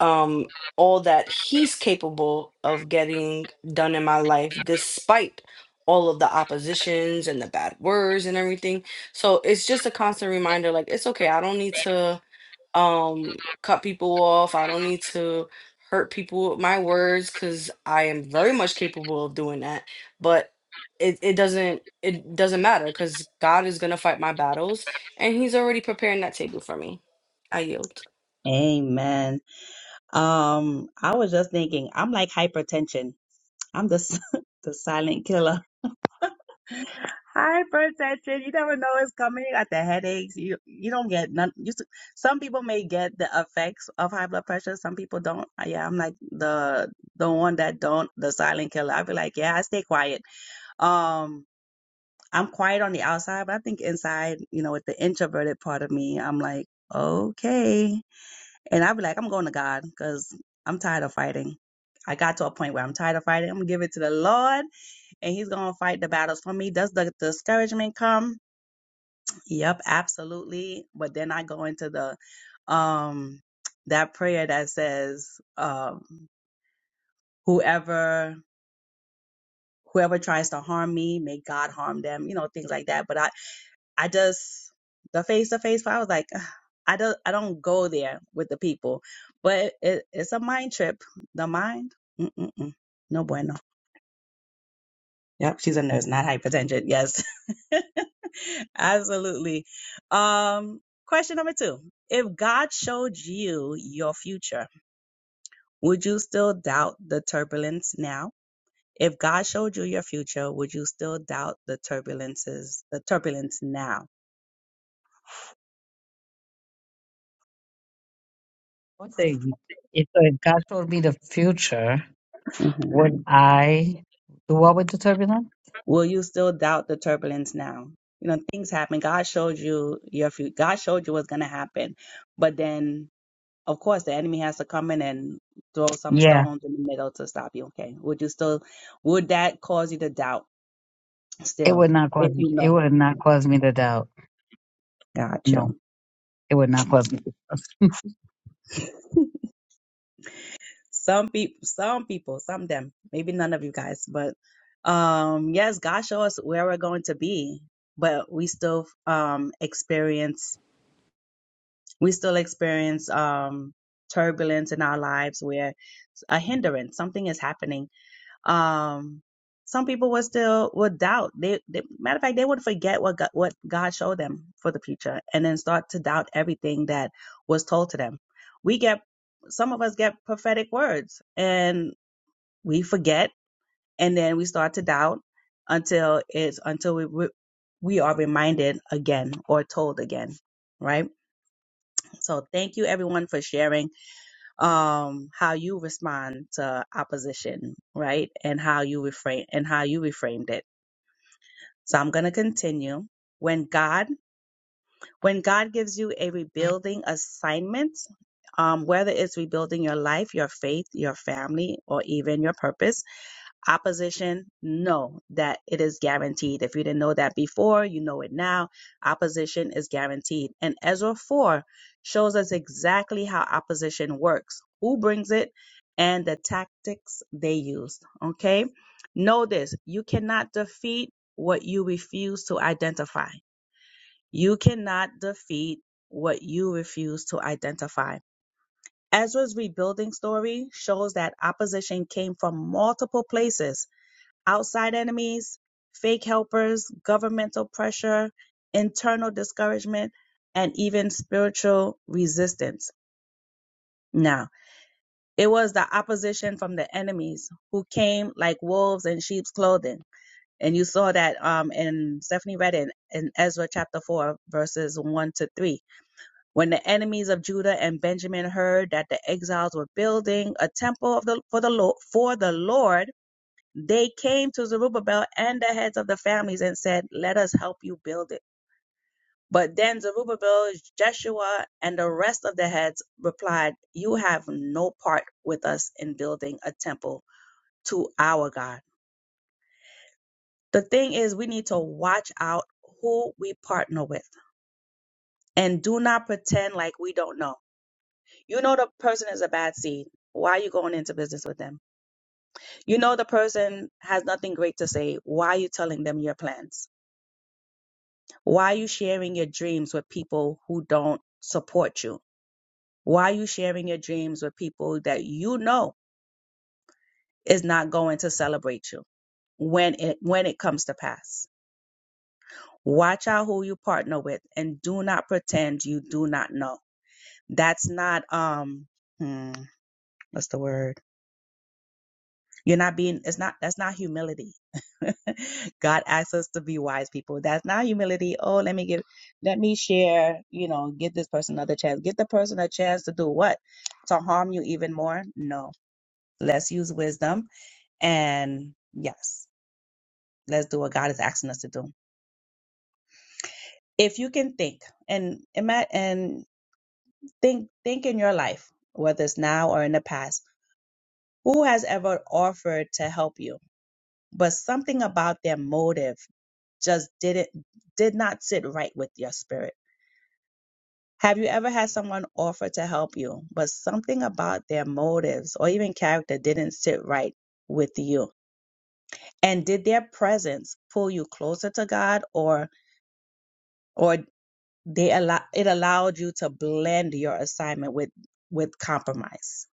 um, all that he's capable of getting done in my life, despite all of the oppositions and the bad words and everything. So it's just a constant reminder like, it's okay. I don't need to um, cut people off. I don't need to hurt people with my words because I am very much capable of doing that. But it, it doesn't. It doesn't matter because God is gonna fight my battles, and He's already preparing that table for me. I yield.
Amen. Um, I was just thinking, I'm like hypertension. I'm the, s- the silent killer. Hypertension. You never know it's coming. You got the headaches. You, you don't get none. You, s- some people may get the effects of high blood pressure. Some people don't. Uh, Yeah. I'm like the, the one that don't, the silent killer. i be like, yeah, I stay quiet. Um, I'm quiet on the outside, but I think inside, you know, with the introverted part of me, I'm like, okay. And I'd be like, I'm going to God because I'm tired of fighting. I got to a point where I'm tired of fighting. I'm gonna give it to the Lord and He's gonna fight the battles for me. Does the discouragement come? Yep, absolutely. But then I go into the um that prayer that says, um, whoever whoever tries to harm me, may God harm them, you know, things like that. But I I just the face to face. I was like, "Ugh, I don't, I don't go there with the people, but it, it's a mind trip. The mind, Mm-mm-mm. no bueno. Yep, she's a nurse, not hypertension. Yes, absolutely. Um, question number two: If God showed you your future, would you still doubt the turbulence now? If God showed you your future, would you still doubt the turbulences, the turbulence now?
I would say if uh, God showed me the future,
Mhm.
would I do what with the turbulence?
Will you still doubt the turbulence now? You know, things happen. God showed you your future. God showed you what's going to happen. But then, of course, the enemy has to come in and throw some
Yeah,
stones in the middle to stop you. Okay. Would you still, would that cause you to doubt
it
still?
would not
If
cause
you
it would not
know.
cause me to doubt.
Got
No.
you.
It would not knock me.
some people, some people, some of them, maybe none of you guys, but um, yes, God show us where we're going to be, but we still um experience We still experience um, turbulence in our lives where a hindrance, something is happening. Um, some people will still would doubt. They, they matter of fact, they would forget what God, what God showed them for the future, and then start to doubt everything that was told to them. We get some of us get prophetic words, and we forget, and then we start to doubt until it's until we we we are reminded again or told again, right? So thank you everyone for sharing um, how you respond to opposition, right? And how you reframe and how you reframed it. So I'm going to continue. When God, when God gives you a rebuilding assignment, um, whether it's rebuilding your life, your faith, your family, or even your purpose, Opposition, know that it is guaranteed. If you didn't know that before, you know it now. Opposition is guaranteed. And Ezra 4 shows us exactly how opposition works, who brings it, and the tactics they used. Okay? Know this you cannot defeat what you refuse to identify. You cannot defeat what you refuse to identify. Ezra's rebuilding story shows that opposition came from multiple places outside enemies, fake helpers, governmental pressure, internal discouragement, and even spiritual resistance. Now, it was the opposition from the enemies who came like wolves in sheep's clothing. And you saw that um, in Stephanie read it in Ezra chapter 4, verses 1 to 3. When the enemies of Judah and Benjamin heard that the exiles were building a temple of the, for, the, for the Lord, they came to Zerubbabel and the heads of the families and said, Let us help you build it. But then Zerubbabel, Jeshua, and the rest of the heads replied, You have no part with us in building a temple to our God. The thing is, we need to watch out who we partner with and do not pretend like we don't know. You know, the person is a bad seed. Why are you going into business with them? You know, the person has nothing great to say. Why are you telling them your plans? Why are you sharing your dreams with people who don't support you? Why are you sharing your dreams with people that you know is not going to celebrate you when it when it comes to pass? Watch out who you partner with and do not pretend you do not know. That's not um hmm, what's the word? You're not being, it's not, that's not humility. God asks us to be wise people. That's not humility. Oh, let me give, let me share, you know, give this person another chance. Give the person a chance to do what? To harm you even more? No. Let's use wisdom. And yes, let's do what God is asking us to do. If you can think and ima- and think, think in your life, whether it's now or in the past, who has ever offered to help you? but something about their motive just didn't did not sit right with your spirit. Have you ever had someone offer to help you, but something about their motives or even character didn't sit right with you? And did their presence pull you closer to God or or they allow it allowed you to blend your assignment with with compromise?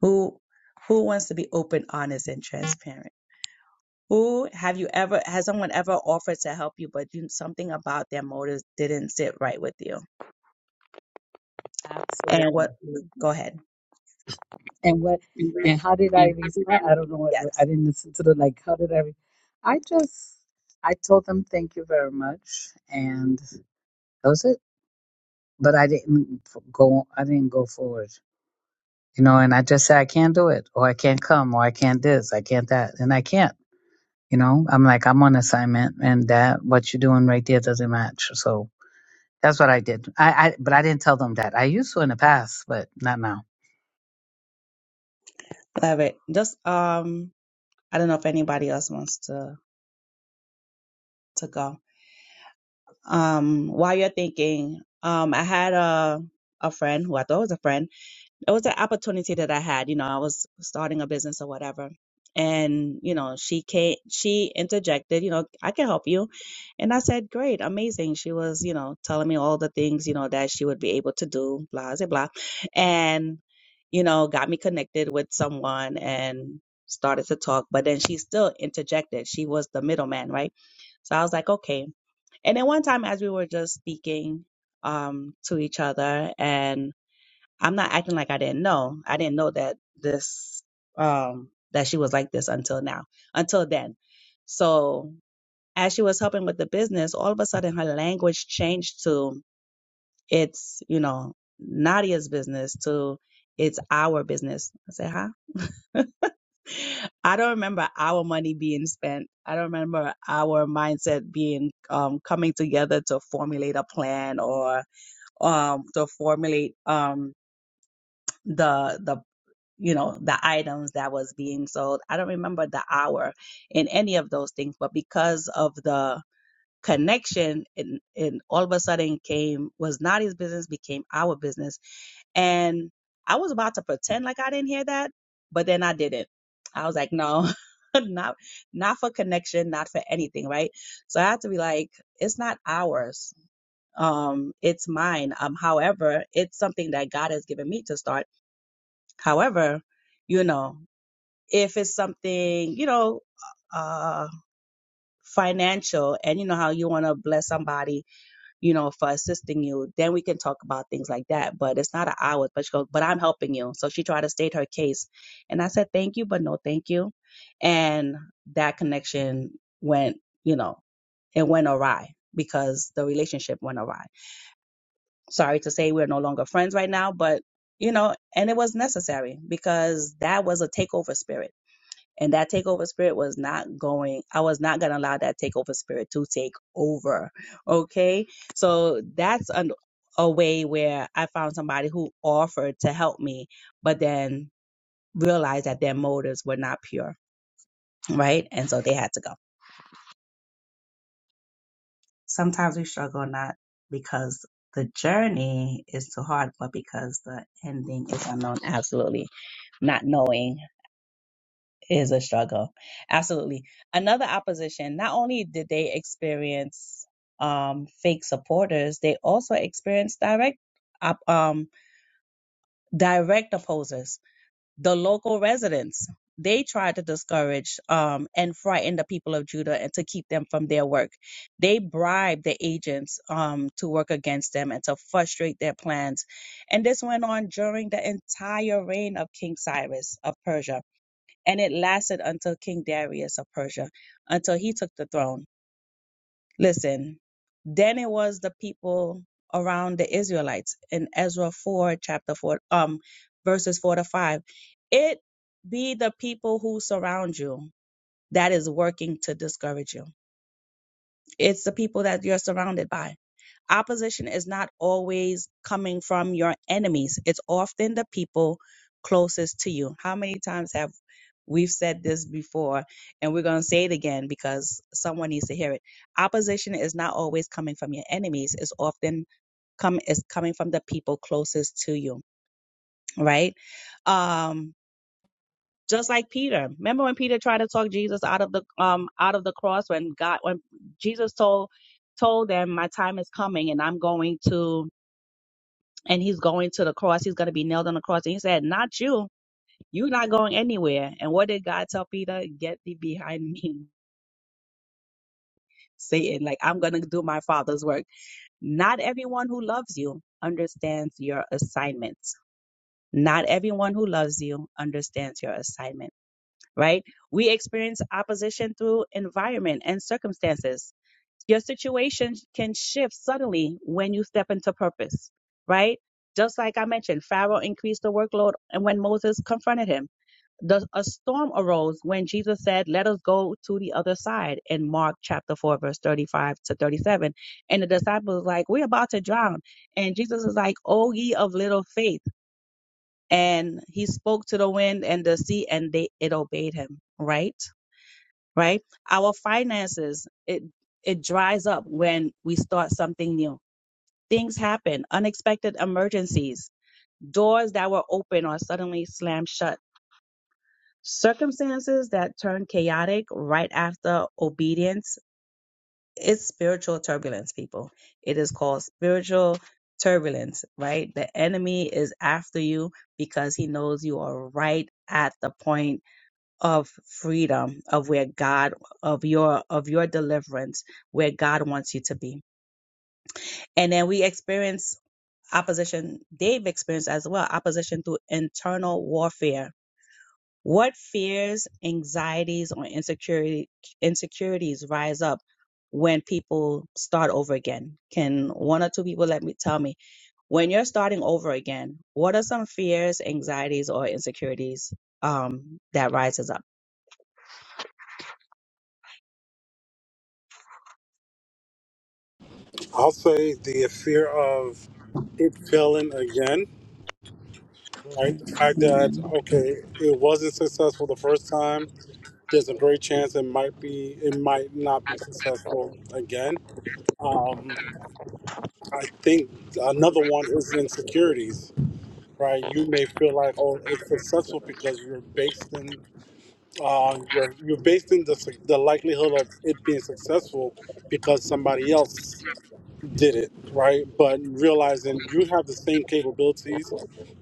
Who who wants to be open, honest, and transparent? Who have you ever, has someone ever offered to help you, but you, something about their motives didn't sit right with you? And
absolutely.
what, go ahead.
And what?
And re-
And how did I
and happy
respond? I
memories.
don't know what I
Yes.
didn't listen to the like. How did I? Re- I just I told them thank you very much, and that was it. But I didn't f- go. I didn't go forward, you know. And I just said I can't do it, or I can't come, or I can't this, I can't that, and I can't. You know, I'm like I'm on assignment, and that what you're doing right there doesn't match. So that's what I did. I, I but I didn't tell them that. I used to in the past, but not now.
Love it. Just, um, I don't know if anybody else wants to, to go. Um, while you're thinking, um, I had a, a friend who I thought was a friend. it was an opportunity that I had. You know, I was starting a business or whatever. And, you know, she came, she interjected, you know, I can help you. And I said, great, amazing. She was, you know, telling me all the things, you know, that she would be able to do, blah, blah, blah. And, you know, got me connected with someone and started to talk. But then she still interjected. She was the middleman, right? So I was like, okay. And then one time as we were just speaking um, to each other and I'm not acting like I didn't know. I didn't know that this um that she was like this until now. Until then. So as she was helping with the business, all of a sudden her language changed to it's, you know, Nadia's business to it's our business. I said, huh? I don't remember our money being spent. I don't remember our mindset being um, coming together to formulate a plan or um, to formulate um, the the you know the items that was being sold i don't remember the hour in any of those things but because of the connection it, it all of a sudden came was not his business became our business and i was about to pretend like i didn't hear that but then i didn't i was like no not not for connection not for anything right so i had to be like it's not ours um it's mine um however it's something that god has given me to start however you know if it's something you know uh financial and you know how you want to bless somebody you know for assisting you then we can talk about things like that but it's not an hour but she goes but i'm helping you so she tried to state her case and i said thank you but no thank you and that connection went you know it went awry because the relationship went awry sorry to say we're no longer friends right now but you know and it was necessary because that was a takeover spirit and that takeover spirit was not going, I was not going to allow that takeover spirit to take over. Okay. So that's an, a way where I found somebody who offered to help me, but then realized that their motives were not pure. Right. And so they had to go. Sometimes we struggle not because the journey is too hard, but because the ending is unknown. Absolutely. Not knowing is a struggle. Absolutely. Another opposition, not only did they experience um, fake supporters, they also experienced direct op- um, direct opposers, the local residents. They tried to discourage um, and frighten the people of Judah and to keep them from their work. They bribed the agents um, to work against them and to frustrate their plans. And this went on during the entire reign of King Cyrus of Persia and it lasted until King Darius of Persia, until he took the throne. Listen, then it was the people around the Israelites in Ezra 4, chapter 4, um, verses 4 to 5. It be the people who surround you that is working to discourage you. It's the people that you're surrounded by Opposition is not always coming from your enemies. It's often the people closest to you. How many times have we've said this before and we're going to say it again because someone needs to hear it. Opposition is not always coming from your enemies. It's often come is coming from the people closest to you, right? Um just like Peter. Remember when Peter tried to talk Jesus out of the um out of the cross when God when Jesus told told them my time is coming and I'm going to and he's going to the cross. He's going to be nailed on the cross. And he said, Not you. You're not going anywhere. And what did God tell Peter? Get thee behind me, Satan. Like, I'm going to do my father's work. Not everyone who loves you understands your assignments. Not everyone who loves you understands your assignment, right? We experience opposition through environment and circumstances Your situation can shift suddenly when you step into purpose, right? Just like I mentioned, Pharaoh increased the workload and when Moses confronted him. The, a storm arose when Jesus said, Let us go to the other side in Mark chapter 4, verse 35 to 37. And the disciples were like, We're about to drown. And Jesus is like, O ye of little faith. And he spoke to the wind and the sea, and they it obeyed him, right? right? Our finances, it it dries up when we start something new. Things happen, unexpected emergencies, doors that were open are suddenly slammed shut. Circumstances that turn chaotic right after obedience. It's spiritual turbulence, people. It is called spiritual turbulence, right? The enemy is after you because he knows you are right at the point of freedom of where God of your of your deliverance where God wants you to be. And then we experience opposition Dave experienced as well opposition through internal warfare. What fears, anxieties or insecurity insecurities rise up when people start over again? Can one or two people let me tell me when you're starting over again, what are some fears, anxieties or insecurities um that rises up?
I'll say the fear of it failing again, right? The fact that okay, it wasn't successful the first time. There's a great chance it might be, it might not be successful again. Um, I think another one is insecurities right? You may feel like, oh, it's successful because you're based in uh, you're you're based in the su- the likelihood of it being successful because somebody else did it, right? But realizing you have the same capabilities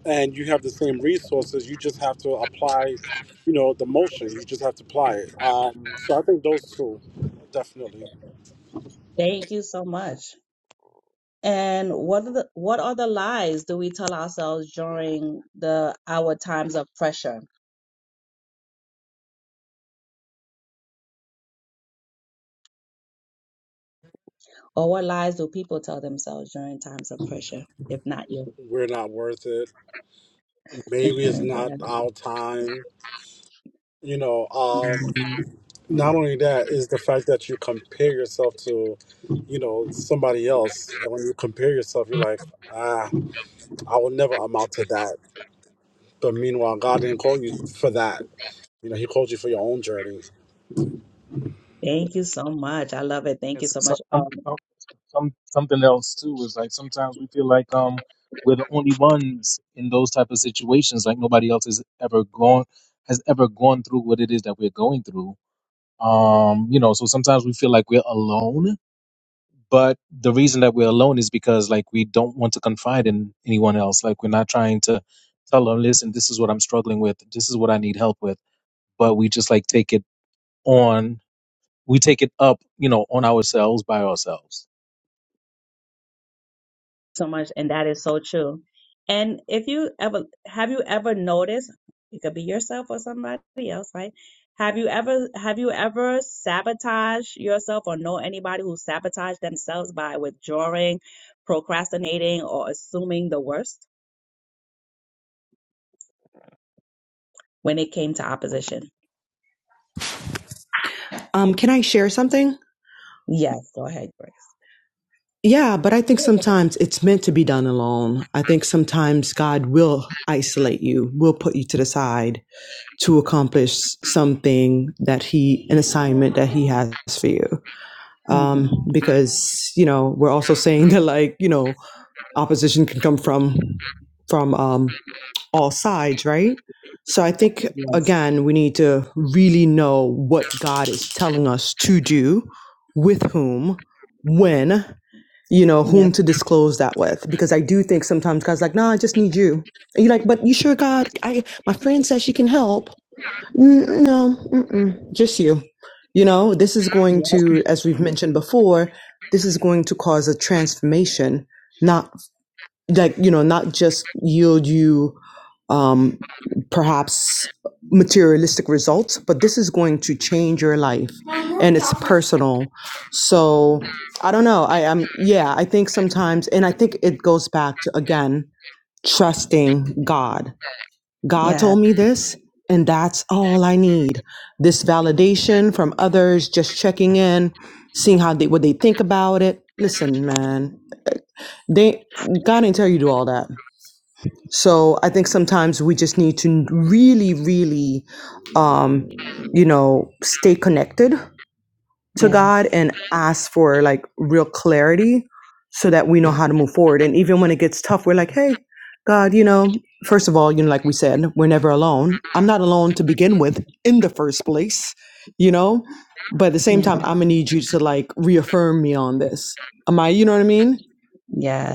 and you have the same resources, you just have to apply, you know, the motion. You just have to apply it. Um, so I think those two definitely
Thank you so much. And what are the what are the lies do we tell ourselves during the our times of pressure? Or what lies do people tell themselves during times of pressure? If not you.
we're not worth it. Maybe it's not our time. You know,
Yeah.
um, Not only that is the fact that you compare yourself to, you know, somebody else, and when you compare yourself, you're like, ah, I will never amount to that. But meanwhile, God didn't call you for that. You know, He called you for your own journey.
Thank you so much. I love it. Thank you
Yes,
so
so,
much.
um,
Um,
um, some something else too is like sometimes we feel like um we're the only ones in those type of situations. Like nobody else has ever gone has ever gone through what it is that we're going through. Um, you know, so sometimes we feel like we're alone But the reason that we're alone is because like we don't want to confide in anyone else. Like we're not trying to tell them, listen, this is what I'm struggling with. This is what I need help with. But we just like take it on. We take it up, you know, on ourselves by ourselves.
so much and that is so true and if you ever have you ever noticed it could be yourself or somebody else right have you ever have you ever sabotaged yourself or know anybody who sabotaged themselves by withdrawing procrastinating or assuming the worst when it came to opposition
Um, can I share something?
yes go ahead grace
Yeah, but I think sometimes it's meant to be done alone. I think sometimes God will isolate you, will put you to the side. to accomplish something that he an assignment that he has for you um
hmm
because you know we're also saying that like you know opposition can come from from um all sides right so i think
yes
again we need to really know what god is telling us to do with whom when you know whom
yep
to disclose that with because i do think sometimes god's like nah i just need you and you're like but you sure god i my friend says she can help N- No, mm-mm, just you. You know, this is going
yep
to, as we've mentioned before, this is going to cause a transformation, not like, you know, not just yield you um, perhaps materialistic results, but this is going to change your life and it's personal. So I don't know. I am, yeah, I think sometimes, and I think it goes back to, again, trusting God God
yes
told me this, and that's all I need. This validation from others, just checking in, seeing how they what they think about it. Listen, man, they God didn't tell you to do all that. So I think sometimes we just need to really, really, um, you know, stay connected to
yes
God and ask for like real clarity so that we know how to move forward. And even when it gets tough, we're like, hey, God, you know, first of all, you know, like we said, we're never alone. I'm not alone to begin with in the first place, you know? But at the same
yes
time, I'm gonna need you to like reaffirm me on this. Am I, you know what I mean?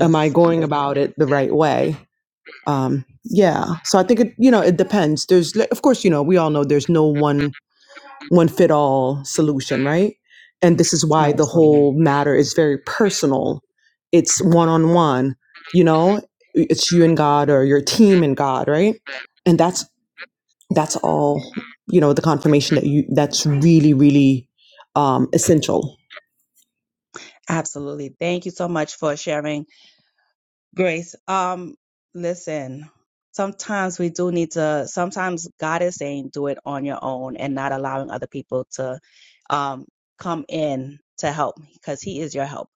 Am I going about it the right way? Um, yeah. So I think it, you know, it depends. There's, like, of course, you know, we all know there's no one one fit all solution, right? And this is why the
absolutely
whole matter is very personal. It's one on one, you know, it's you and God or your team and God, right? And that's that's all, you know, the confirmation that you that's really, really um essential.
absolutely thank you so much for sharing Grace, um, listen, sometimes we do need to, sometimes God is saying do it on your own and not allowing other people to um, come in to help because He is your help.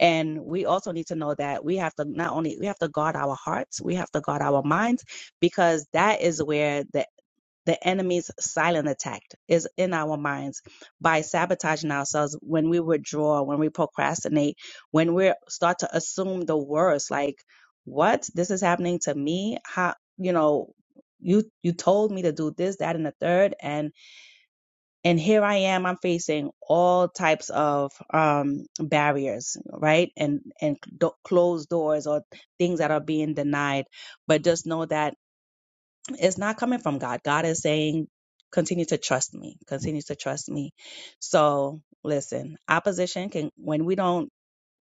And we also need to know that we have to not only, we have to guard our hearts, we have to guard our minds because that is where the the enemy's silent attack is in our minds by sabotaging ourselves when we withdraw, when we procrastinate, when we start to assume the worst, like, what? This is happening to me? How, you know, you you told me to do this, that, and the third, and and here I am. I'm facing all types of um barriers, right? And and do- closed doors or things that are being denied. But just know that it's not coming from God. God is saying, continue to trust me, continue to trust me. So listen, opposition can, when we don't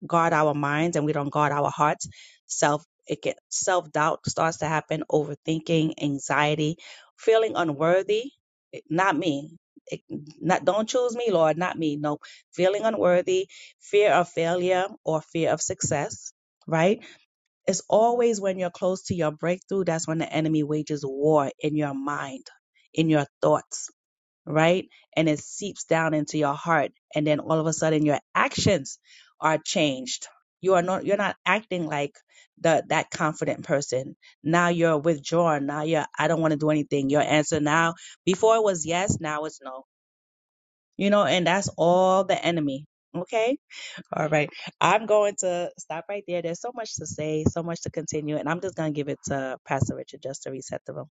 guard our minds and we don't guard our hearts, self, it can, self doubt starts to happen, overthinking, anxiety, feeling unworthy. It- Not me. It, not don't choose me, Lord, not me. No, feeling unworthy, fear of failure or fear of success, right? It's always when you're close to your breakthrough that's when the enemy wages war in your mind, in your thoughts, right? And it seeps down into your heart and then all of a sudden your actions are changed. You are not you're not acting like the that confident person. Now you're withdrawn. Now you're I don't want to do anything. Your answer now before it was yes, now it's no. You know, and that's all the enemy. Okay? All right. I'm going to stop right there. There's so much to say, so much to continue, and I'm just going to give it to Pastor Richard just to reset the room.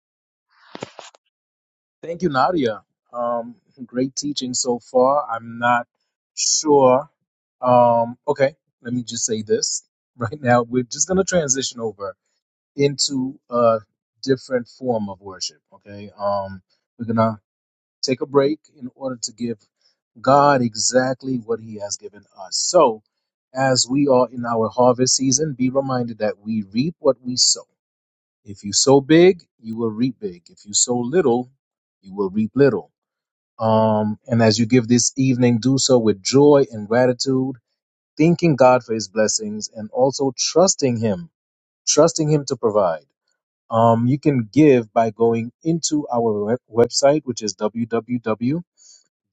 Thank you, Nadia. Um, great teaching so far. I'm not sure. Um, okay, let me just say this right now. We're just gonna transition over into a different form of worship. Okay. Um, we're gonna take a break in order to give God exactly what He has given us. So, as we are in our harvest season, be reminded that we reap what we sow. If you sow big, you will reap big. If you sow little, you will reap little. Um, and as you give this evening, do so with joy and gratitude, thanking God for His blessings and also trusting Him, trusting Him to provide. Um, you can give by going into our web- website, which is www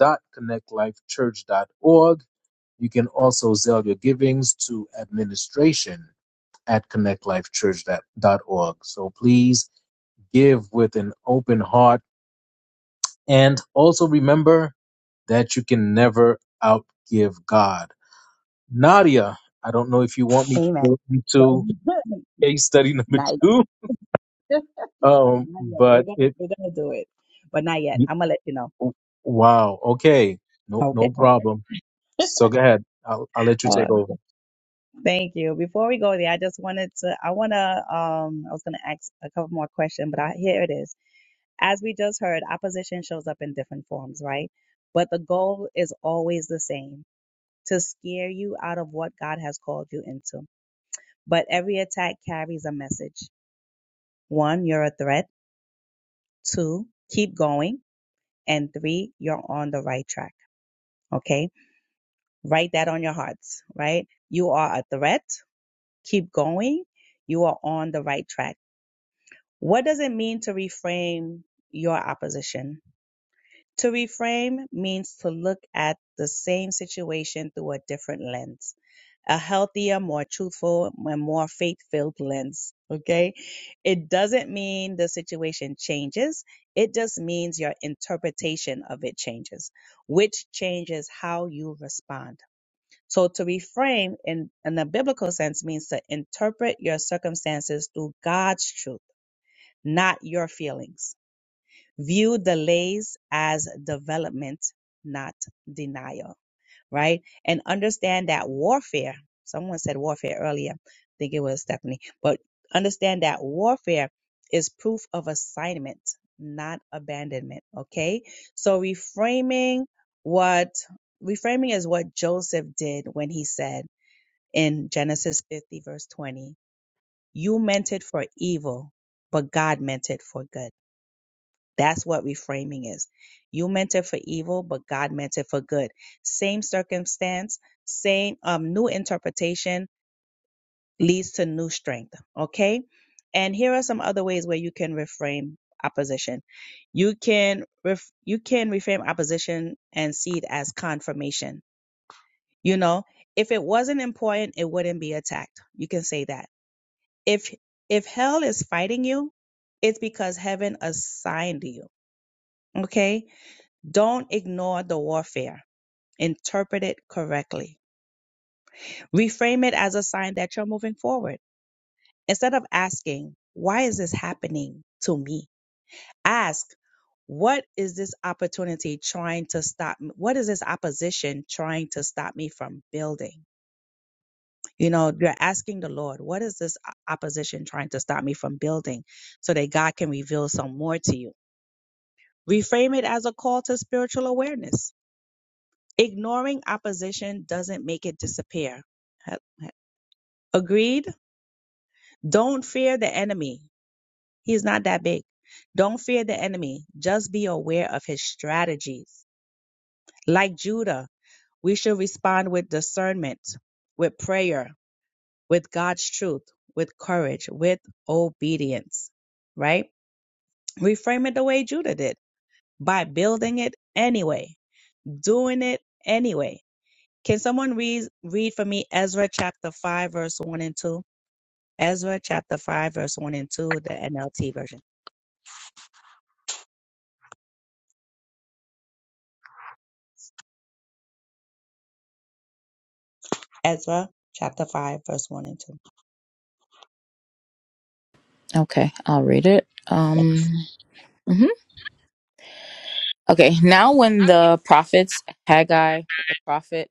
www.connectlifechurch.org. You can also sell your givings to administration at connectlifechurch.org. So please give with an open heart. And also remember that you can never outgive God. Nadia, I don't know if you want me to go
Amen.
into case study number
not yet.
two, um,
not yet. We're
but
gonna
it,
we're gonna do it, but not yet. I'm gonna let you know.
wow, okay, no,
Okay.
no problem. So go ahead. I'll, I'll let you take
Okay.
over.
Thank you. Before we go there, I just wanted to, I want to, um, I was going to ask a couple more questions, but I, here it is. As we just heard, opposition shows up in different forms, right? But the goal is always the same to scare you out of what God has called you into. But every attack carries a message. One, you're a threat. Two, keep going. And three, you're on the right track. Okay. Write that on your hearts, right? You are a threat. Keep going. You are on the right track What does it mean to reframe your opposition? To reframe means to look at the same situation through a different lens, a healthier, more truthful, and more faith filled lens. Okay. It doesn't mean the situation changes. It just means your interpretation of it changes, which changes how you respond. So to reframe in, in a biblical sense means to interpret your circumstances through God's truth, not your feelings View delays as development, not denial, right? And understand that warfare, someone said warfare earlier, I think it was Stephanie, but understand that warfare is proof of assignment, not abandonment, okay? So reframing what, reframing is what Joseph did when he said in Genesis 50, verse 20, you meant it for evil, but God meant it for good that's what reframing is. You meant it for evil, but God meant it for good. Same circumstance, same um, new interpretation leads to new strength. Okay. And here are some other ways where you can reframe opposition. You can ref- you can reframe opposition and see it as confirmation. You know, if it wasn't important, it wouldn't be attacked. You can say that. If if hell is fighting you, it's because heaven assigned you. Okay Don't ignore the warfare. Interpret it correctly. Reframe it as a sign that you're moving forward. Instead of asking, why is this happening to me? Ask, what is this opportunity trying to stop me? What is this opposition trying to stop me from building? You know, you're asking the Lord, what is this opposition trying to stop me from building so that God can reveal some more to you? Reframe it as a call to spiritual awareness Ignoring opposition doesn't make it disappear. Agreed? Don't fear the enemy. He's not that big. Don't fear the enemy. Just be aware of his strategies. Like Judah, we should respond with discernment, with prayer, with God's truth, with courage, with obedience, right? Reframe it the way Judah did by building it anyway, doing it anyway Can someone read read for me Ezra chapter 5 verse 1 and 2? Ezra chapter 5 verse 1 and 2, the NLT version. Ezra chapter 5 verse 1 and
okay i'll read it
2.
um mhm. Okay, now when the prophets Haggai the prophet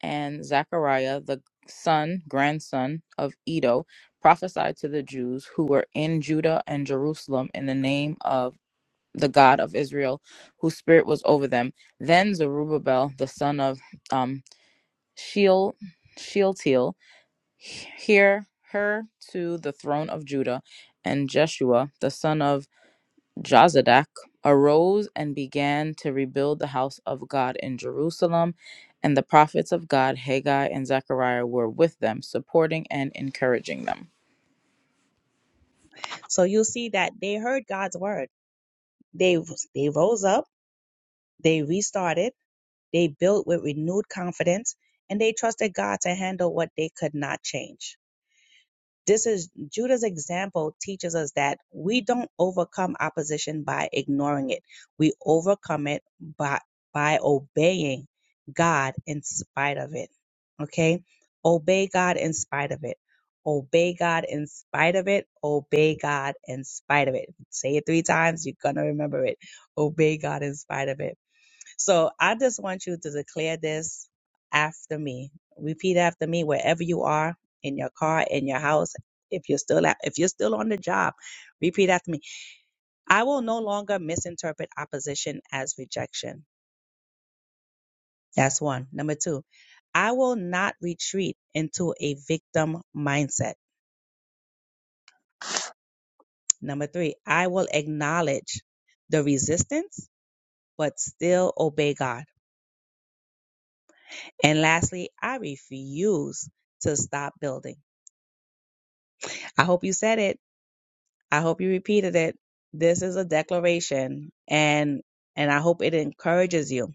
and Zechariah the son, grandson of Edo, prophesied to the Jews who were in Judah and Jerusalem in the name of the God of Israel, whose spirit was over them, then Zerubbabel the son of um, Sheal, Shealtiel, hear her to the throne of Judah, and Jeshua the son of Jozadak arose and began to rebuild the house of God in Jerusalem, and the prophets of God, Haggai and Zechariah, were with them, supporting and encouraging them.
So you. will see that they heard God's word. They they rose up, they restarted, they built with renewed confidence, and they trusted God to handle what they could not change. This is Judah's example teaches us that we don't overcome opposition by ignoring it. We overcome it by by obeying God in spite of it. Okay? Obey God in spite of it. Obey God in spite of it. Obey God in spite of it. Say it 3 times, you're going to remember it. Obey God in spite of it so I just want you to declare this after me. Repeat after me wherever you are in your car, in your house. If you're still at, if you're still on the job, repeat after me. I will no longer misinterpret opposition as rejection. That's one. Number two, I will not retreat into a victim mindset. Number three, I will acknowledge the resistance, but still obey God. And lastly, I refuse to stop building. I hope you said it. I hope you repeated it. This is a declaration and and I hope it encourages you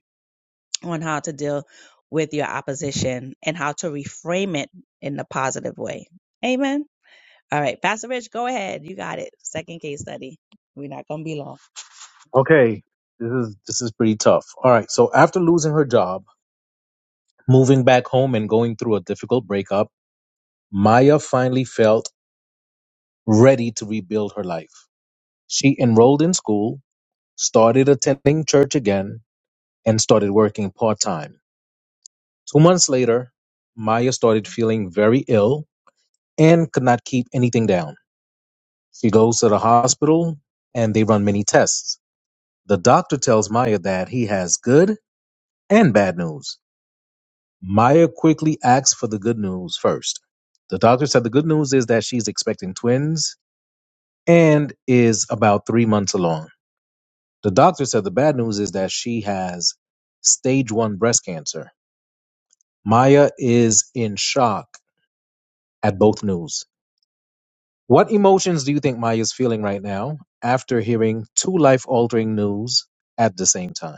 on how to deal with your opposition and how to reframe it in a positive way. Amen. All right, Pastor Rich, go ahead. You got it. Second case study. We're not gonna be long.
Okay, this is this is pretty tough. All right, so after losing her job, moving back home, and going through a difficult breakup, Maya finally felt ready to rebuild her life. She enrolled in school, started attending church again, and started working part time. Two months later, Maya started feeling very ill and could not keep anything down. She goes to the hospital and they run many tests. The doctor tells Maya that he has good and bad news. Maya quickly asks for the good news first. The doctor said the good news is that she's expecting twins and is about three months along. The doctor said the bad news is that she has stage one breast cancer. Maya is in shock at both news. What emotions do you think Maya is feeling right now after hearing two life altering news at the same time?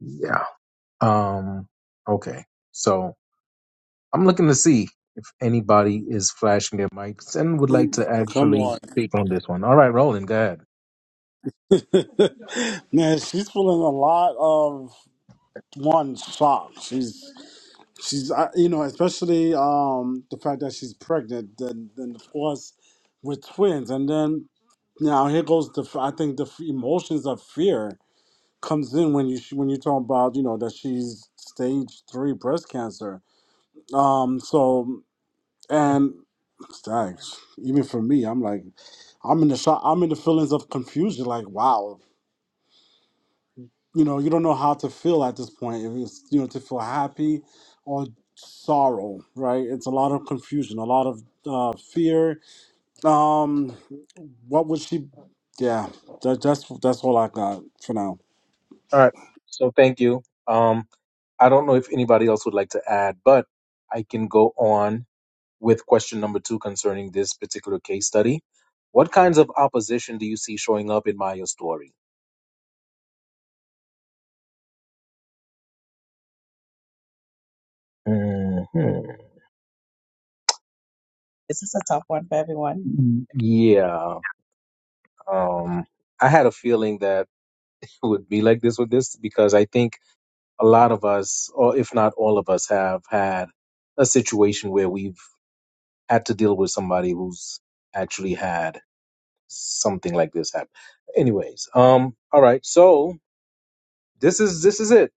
Yeah. Um, okay. So I'm looking to see if anybody is flashing their mics and would like to
Come
actually
on,
speak on this one. All right, Roland, go ahead.
man. She's feeling a lot of one shock. She's she's I- you know, especially um the fact that she's pregnant. Then then of course with twins, and then now here goes the f- I think the f- emotions of fear comes in when you when you talk about you know that she's stage three breast cancer. Um, so
Yeah.
and thanks. Even for me, I'm like, I'm in the shock. I'm in the feelings of confusion. Like, wow, you know, you don't know how to feel at this point. If it's you know to feel happy or sorrow, right? It's a lot of confusion, a lot of uh, fear. Um, what would she? Yeah, that, that's that's all I got for now.
All right. So thank you. Um, I don't know if anybody else would like to add, but I can go on with question number two concerning this particular case study. What kinds of opposition do you see showing up in Maya's story? Mhm.
This is a tough one for everyone.
Yeah. Um, I had a feeling that it would be like this with this because I think a lot of us, or if not all of us, have had a situation where we've had to deal with somebody who's actually had something like this happen. Anyways, um, all right. So this is this is it.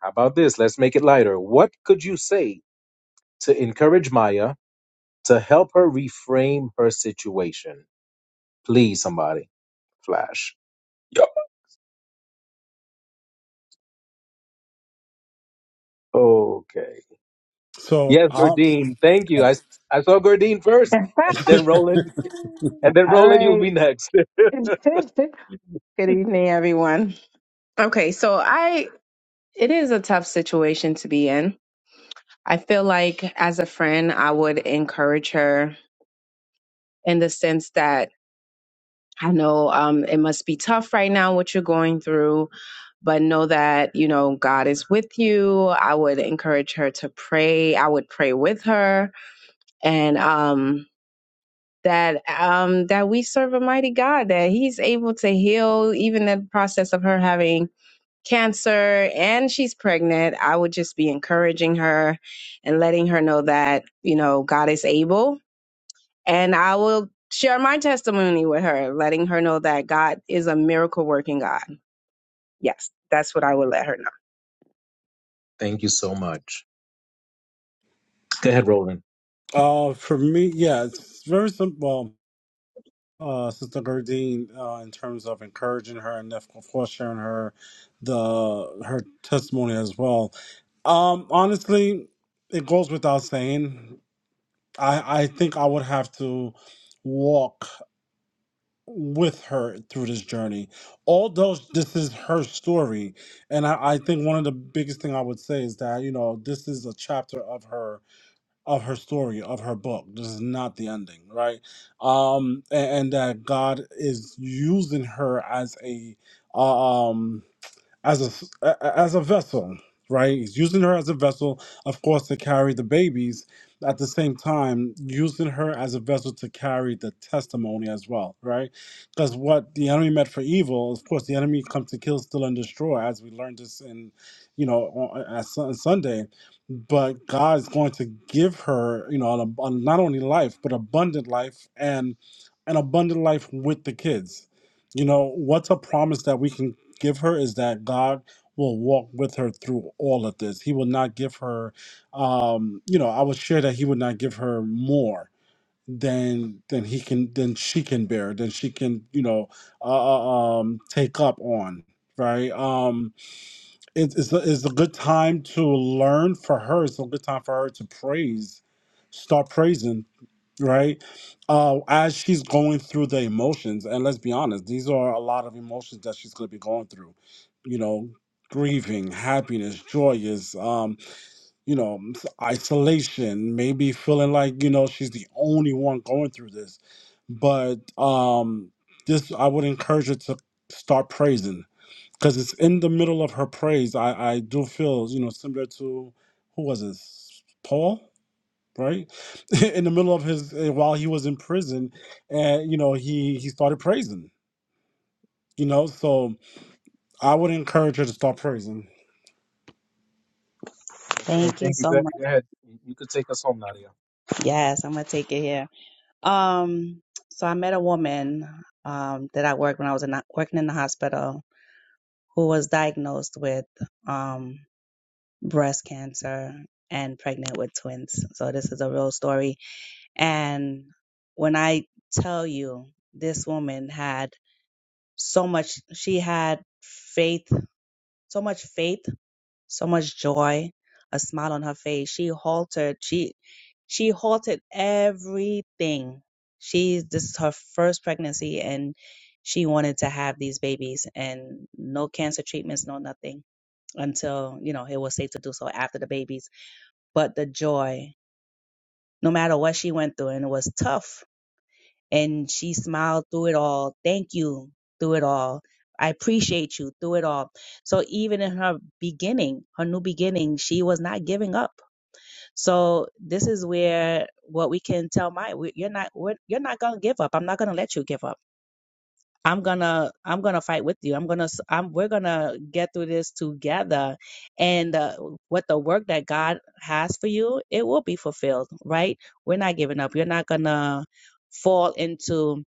How about this? Let's make it lighter. What could you say to encourage Maya to help her reframe her situation? Please, somebody, flash. Yo, Okay.
So
Yes,
um,
Gordine. Thank you. I I saw Gordine first, and then Roland, and then
All
Roland, you'll
right.
be next.
Good evening, everyone. Okay, so I it is a tough situation to be in. I feel like as a friend, I would encourage her in the sense that I know um, it must be tough right now what you're going through, but know that you know God is with you. I would encourage her to pray. I would pray with her, and um, that um that we serve a mighty God that he's able to heal even the process of her having cancer and she's pregnant I would just be encouraging her and letting her know that you know God is able and I will share my testimony with her letting her know that God is a miracle working God yes that's what I would let her know
Thank you so much. Go ahead, Roland.
Uh, for me, yeah, it's very simple. Uh, Sister Gardine, uh, in terms of encouraging her and of course sharing her the her testimony as well. Um, honestly, it goes without saying. I I think I would have to walk with her through this journey. Although this is her story, and I, I think one of the biggest thing I would say is that you know this is a chapter of her of her story of her book this is not the ending right um and, and that god is using her as a uh, um as a as a vessel, right? He's using her as a vessel, of course, to carry the babies. At the same time, using her as a vessel to carry the testimony as well, right? Because what the enemy meant for evil, of course, the enemy comes to kill, steal, and destroy, as we learned this in, you know, on, on Sun- Sunday. But God is going to give her, you know, an, ab- not only life but abundant life and an abundant life with the kids. You know, what's a promise that we can give her is that God will walk with her through all of this. He will not give her, um, you know, I was sure that He would not give her more than than he can than she can bear than she can you know uh, uh, um take up on right um it, it's, a, it's a good time to learn for her it's a good time for her to praise start praising right? Uh, as she's going through the emotions, and let's be honest, these are a lot of emotions that she's going to be going through, you know, grieving, happiness, joyous, um, you know, s- isolation, maybe feeling like, you know, she's the only one going through this. But um, this, I would encourage her to start praising because it's in the middle of her praise. I, I do feel, you know, similar to who was it? Paul? right in the middle of his uh, while he was in prison and you know he he started praising you know so i would encourage her to start praising
Okay,
Thank you
thank you.
so
Go,
much.
go ahead. You you could take us home, Nadia.
Yes, I'm gonna take it here. Um, so I met a woman um, that I worked when I was in, working in the hospital who was diagnosed with um, breast cancer and pregnant with twins. So this is a real story. And when I tell you, this woman had so much, she had faith, so much faith so much joy, a smile on her face. She halted. She she halted everything. She this is her first pregnancy, and she wanted to have these babies, and no cancer treatments, no nothing until you know it was safe to do so after the babies. But the joy, no matter what she went through, and it was tough and she smiled through it all. Thank you through it all. I appreciate you through it all. So even in her beginning, her new beginning, she was not giving up. So this is where what we can tell my we- you're not we're, you're not gonna give up. I'm not gonna let you give up. I'm gonna I'm gonna fight with you. I'm gonna s- I'm we're gonna get through this together. And uh, what the work that God has for you, it will be fulfilled. Right? We're not giving up. You're not gonna fall into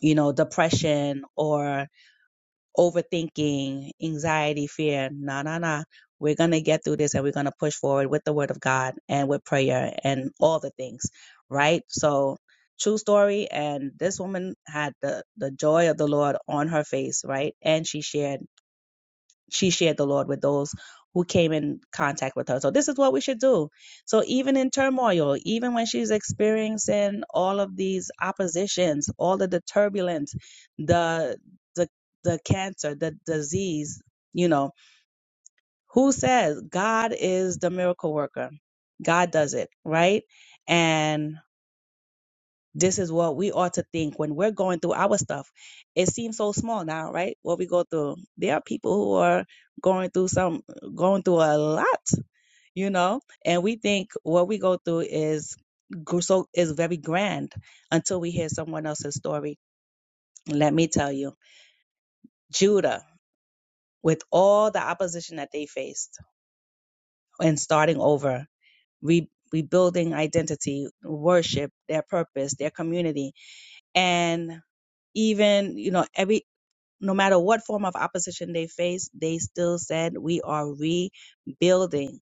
you know, depression or overthinking, anxiety, fear. No, no, no. We're going to get through this and we're going to push forward with the word of God and with prayer and all the things, right? So, true story. And this woman had the, the joy of the Lord on her face, right? And she shared she shared the Lord with those who came in contact with her. So this is what we should do. So even in turmoil, even when she's experiencing all of these oppositions, all of the turbulence, the the the cancer, the disease, you know, who says God is the miracle worker? God does it, right? And this is what we ought to think when we're going through our stuff. It seems so small now, right? What we go through. There are people who are going through some, going through a lot, you know, and we think what we go through is gr- so is very grand until we hear someone else's story. Let me tell you, Judah, with all the opposition that they faced and starting over, re- rebuilding identity, worship, their purpose, their community, and even you know every no matter what form of opposition they faced, they still said, We are rebuilding.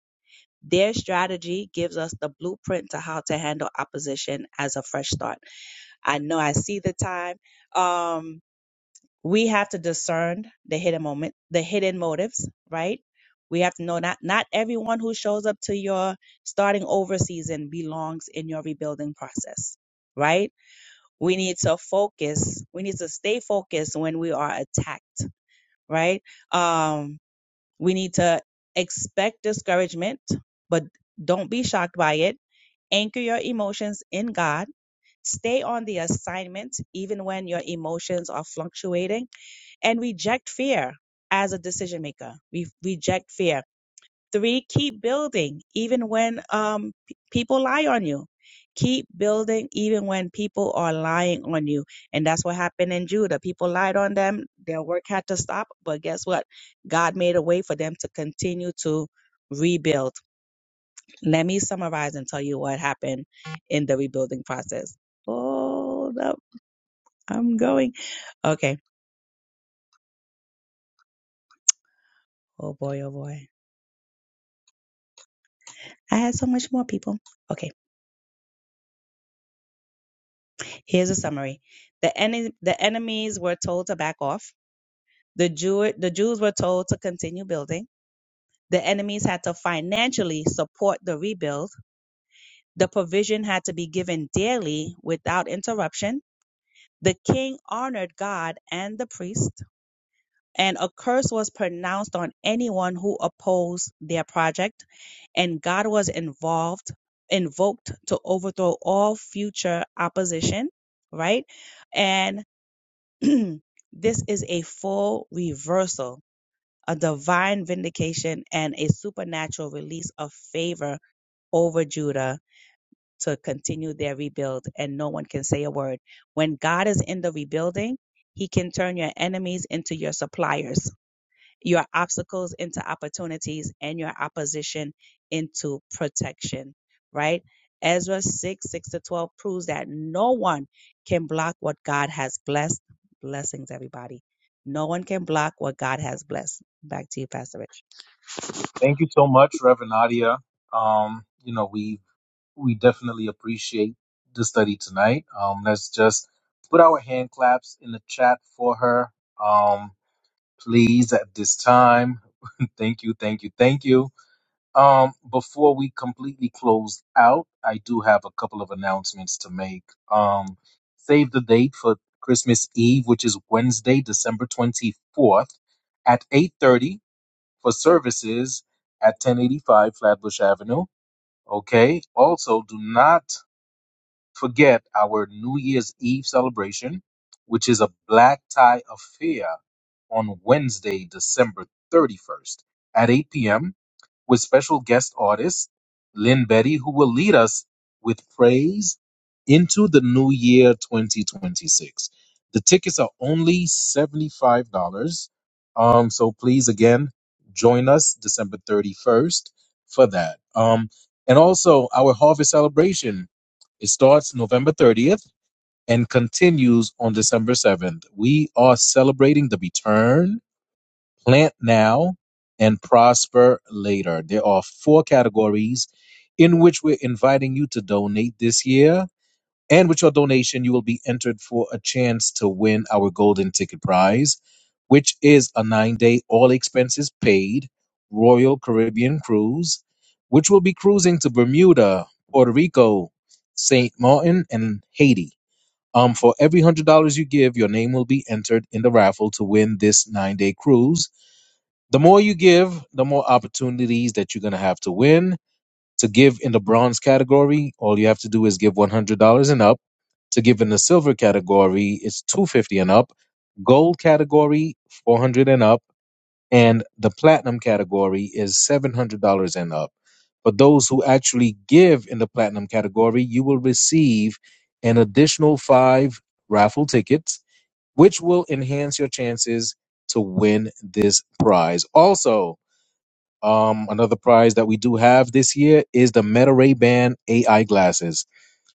Their strategy gives us the blueprint to how to handle opposition as a fresh start. I know I see the time. Um, we have to discern the hidden moment, the hidden motives, right? We have to know not not everyone who shows up to your starting over season belongs in your rebuilding process, right? We need to focus. We need to stay focused when we are attacked right? Um, we need to expect discouragement, but don't be shocked by it. Anchor your emotions in God. Stay on the assignment, even when your emotions are fluctuating, and reject fear as a decision maker. We reject fear Three, keep building even when um, p- people lie on you. Keep building even when people are lying on you. And that's what happened in Judah. People lied on them, their work had to stop. But guess what? God made a way for them to continue to rebuild. Let me summarize and tell you what happened in the rebuilding process. Hold up. I'm going. Okay. Oh boy, oh boy. I had so much more people. Okay. Here's a summary. The, ene- the enemies were told to back off. The, Jew- the Jews were told to continue building. The enemies had to financially support the rebuild. The provision had to be given daily without interruption. The king honored God and the priest. And a curse was pronounced on anyone who opposed their project. And God was involved, invoked to overthrow all future opposition, right? And this is a full reversal, a divine vindication, and a supernatural release of favor over Judah to continue their rebuild. And no one can say a word. When God is in the rebuilding, he can turn your enemies into your suppliers your obstacles into opportunities and your opposition into protection, right? Ezra 6, 6 to 12 proves that no one can block what God has blessed. Blessings, everybody. No one can block what God has blessed. Back to you, Pastor Rich.
Thank you so much, Reverend Nadia. Um, you know, we we definitely appreciate the study tonight. Um, let's just put our hand claps in the chat for her. Um, please at this time. thank you, thank you, thank you. Um, before we completely close out, I do have a couple of announcements to make. Um, save the date for Christmas Eve, which is Wednesday, December 24th at 8.30 for services at 1085 Flatbush Avenue. Okay. Also, do not forget our New Year's Eve celebration, which is a black tie affair on Wednesday, December 31st at 8 p.m with special guest artist Lynn Betty, who will lead us with praise into the new year 2026. The tickets are only $75. Um, so please, again, join us December 31st for that. Um, and also, our harvest celebration. It starts November 30th and continues on December 7th. We are celebrating the return Plant now and prosper later. There are four categories in which we're inviting you to donate this year. And with your donation, you will be entered for a chance to win our golden ticket prize, which is a nine day, all expenses paid Royal Caribbean cruise, which will be cruising to Bermuda, Puerto Rico, St. Martin, and Haiti. Um, for every $100 you give, your name will be entered in the raffle to win this nine day cruise the more you give, the more opportunities that you're going to have to win. To give in the bronze category, all you have to do is give $100 and up. To give in the silver category, it's 250 dollars and up. Gold category, 400 dollars and up, and the platinum category is $700 and up. For those who actually give in the platinum category, you will receive an additional 5 raffle tickets which will enhance your chances to win this prize. Also, um, another prize that we do have this year is the Meta Ray Ban AI glasses.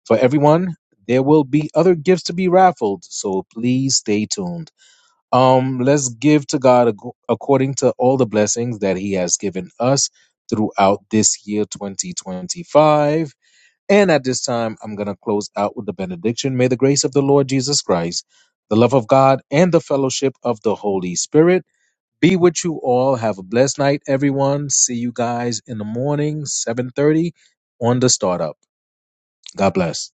For everyone, there will be other gifts to be raffled, so please stay tuned. Um, let's give to God ac- according to all the blessings that He has given us throughout this year 2025. And at this time, I'm going to close out with the benediction. May the grace of the Lord Jesus Christ, the love of God, and the fellowship of the Holy Spirit be with you all. Have a blessed night, everyone. See you guys in the morning, 7:30 on the startup. God bless.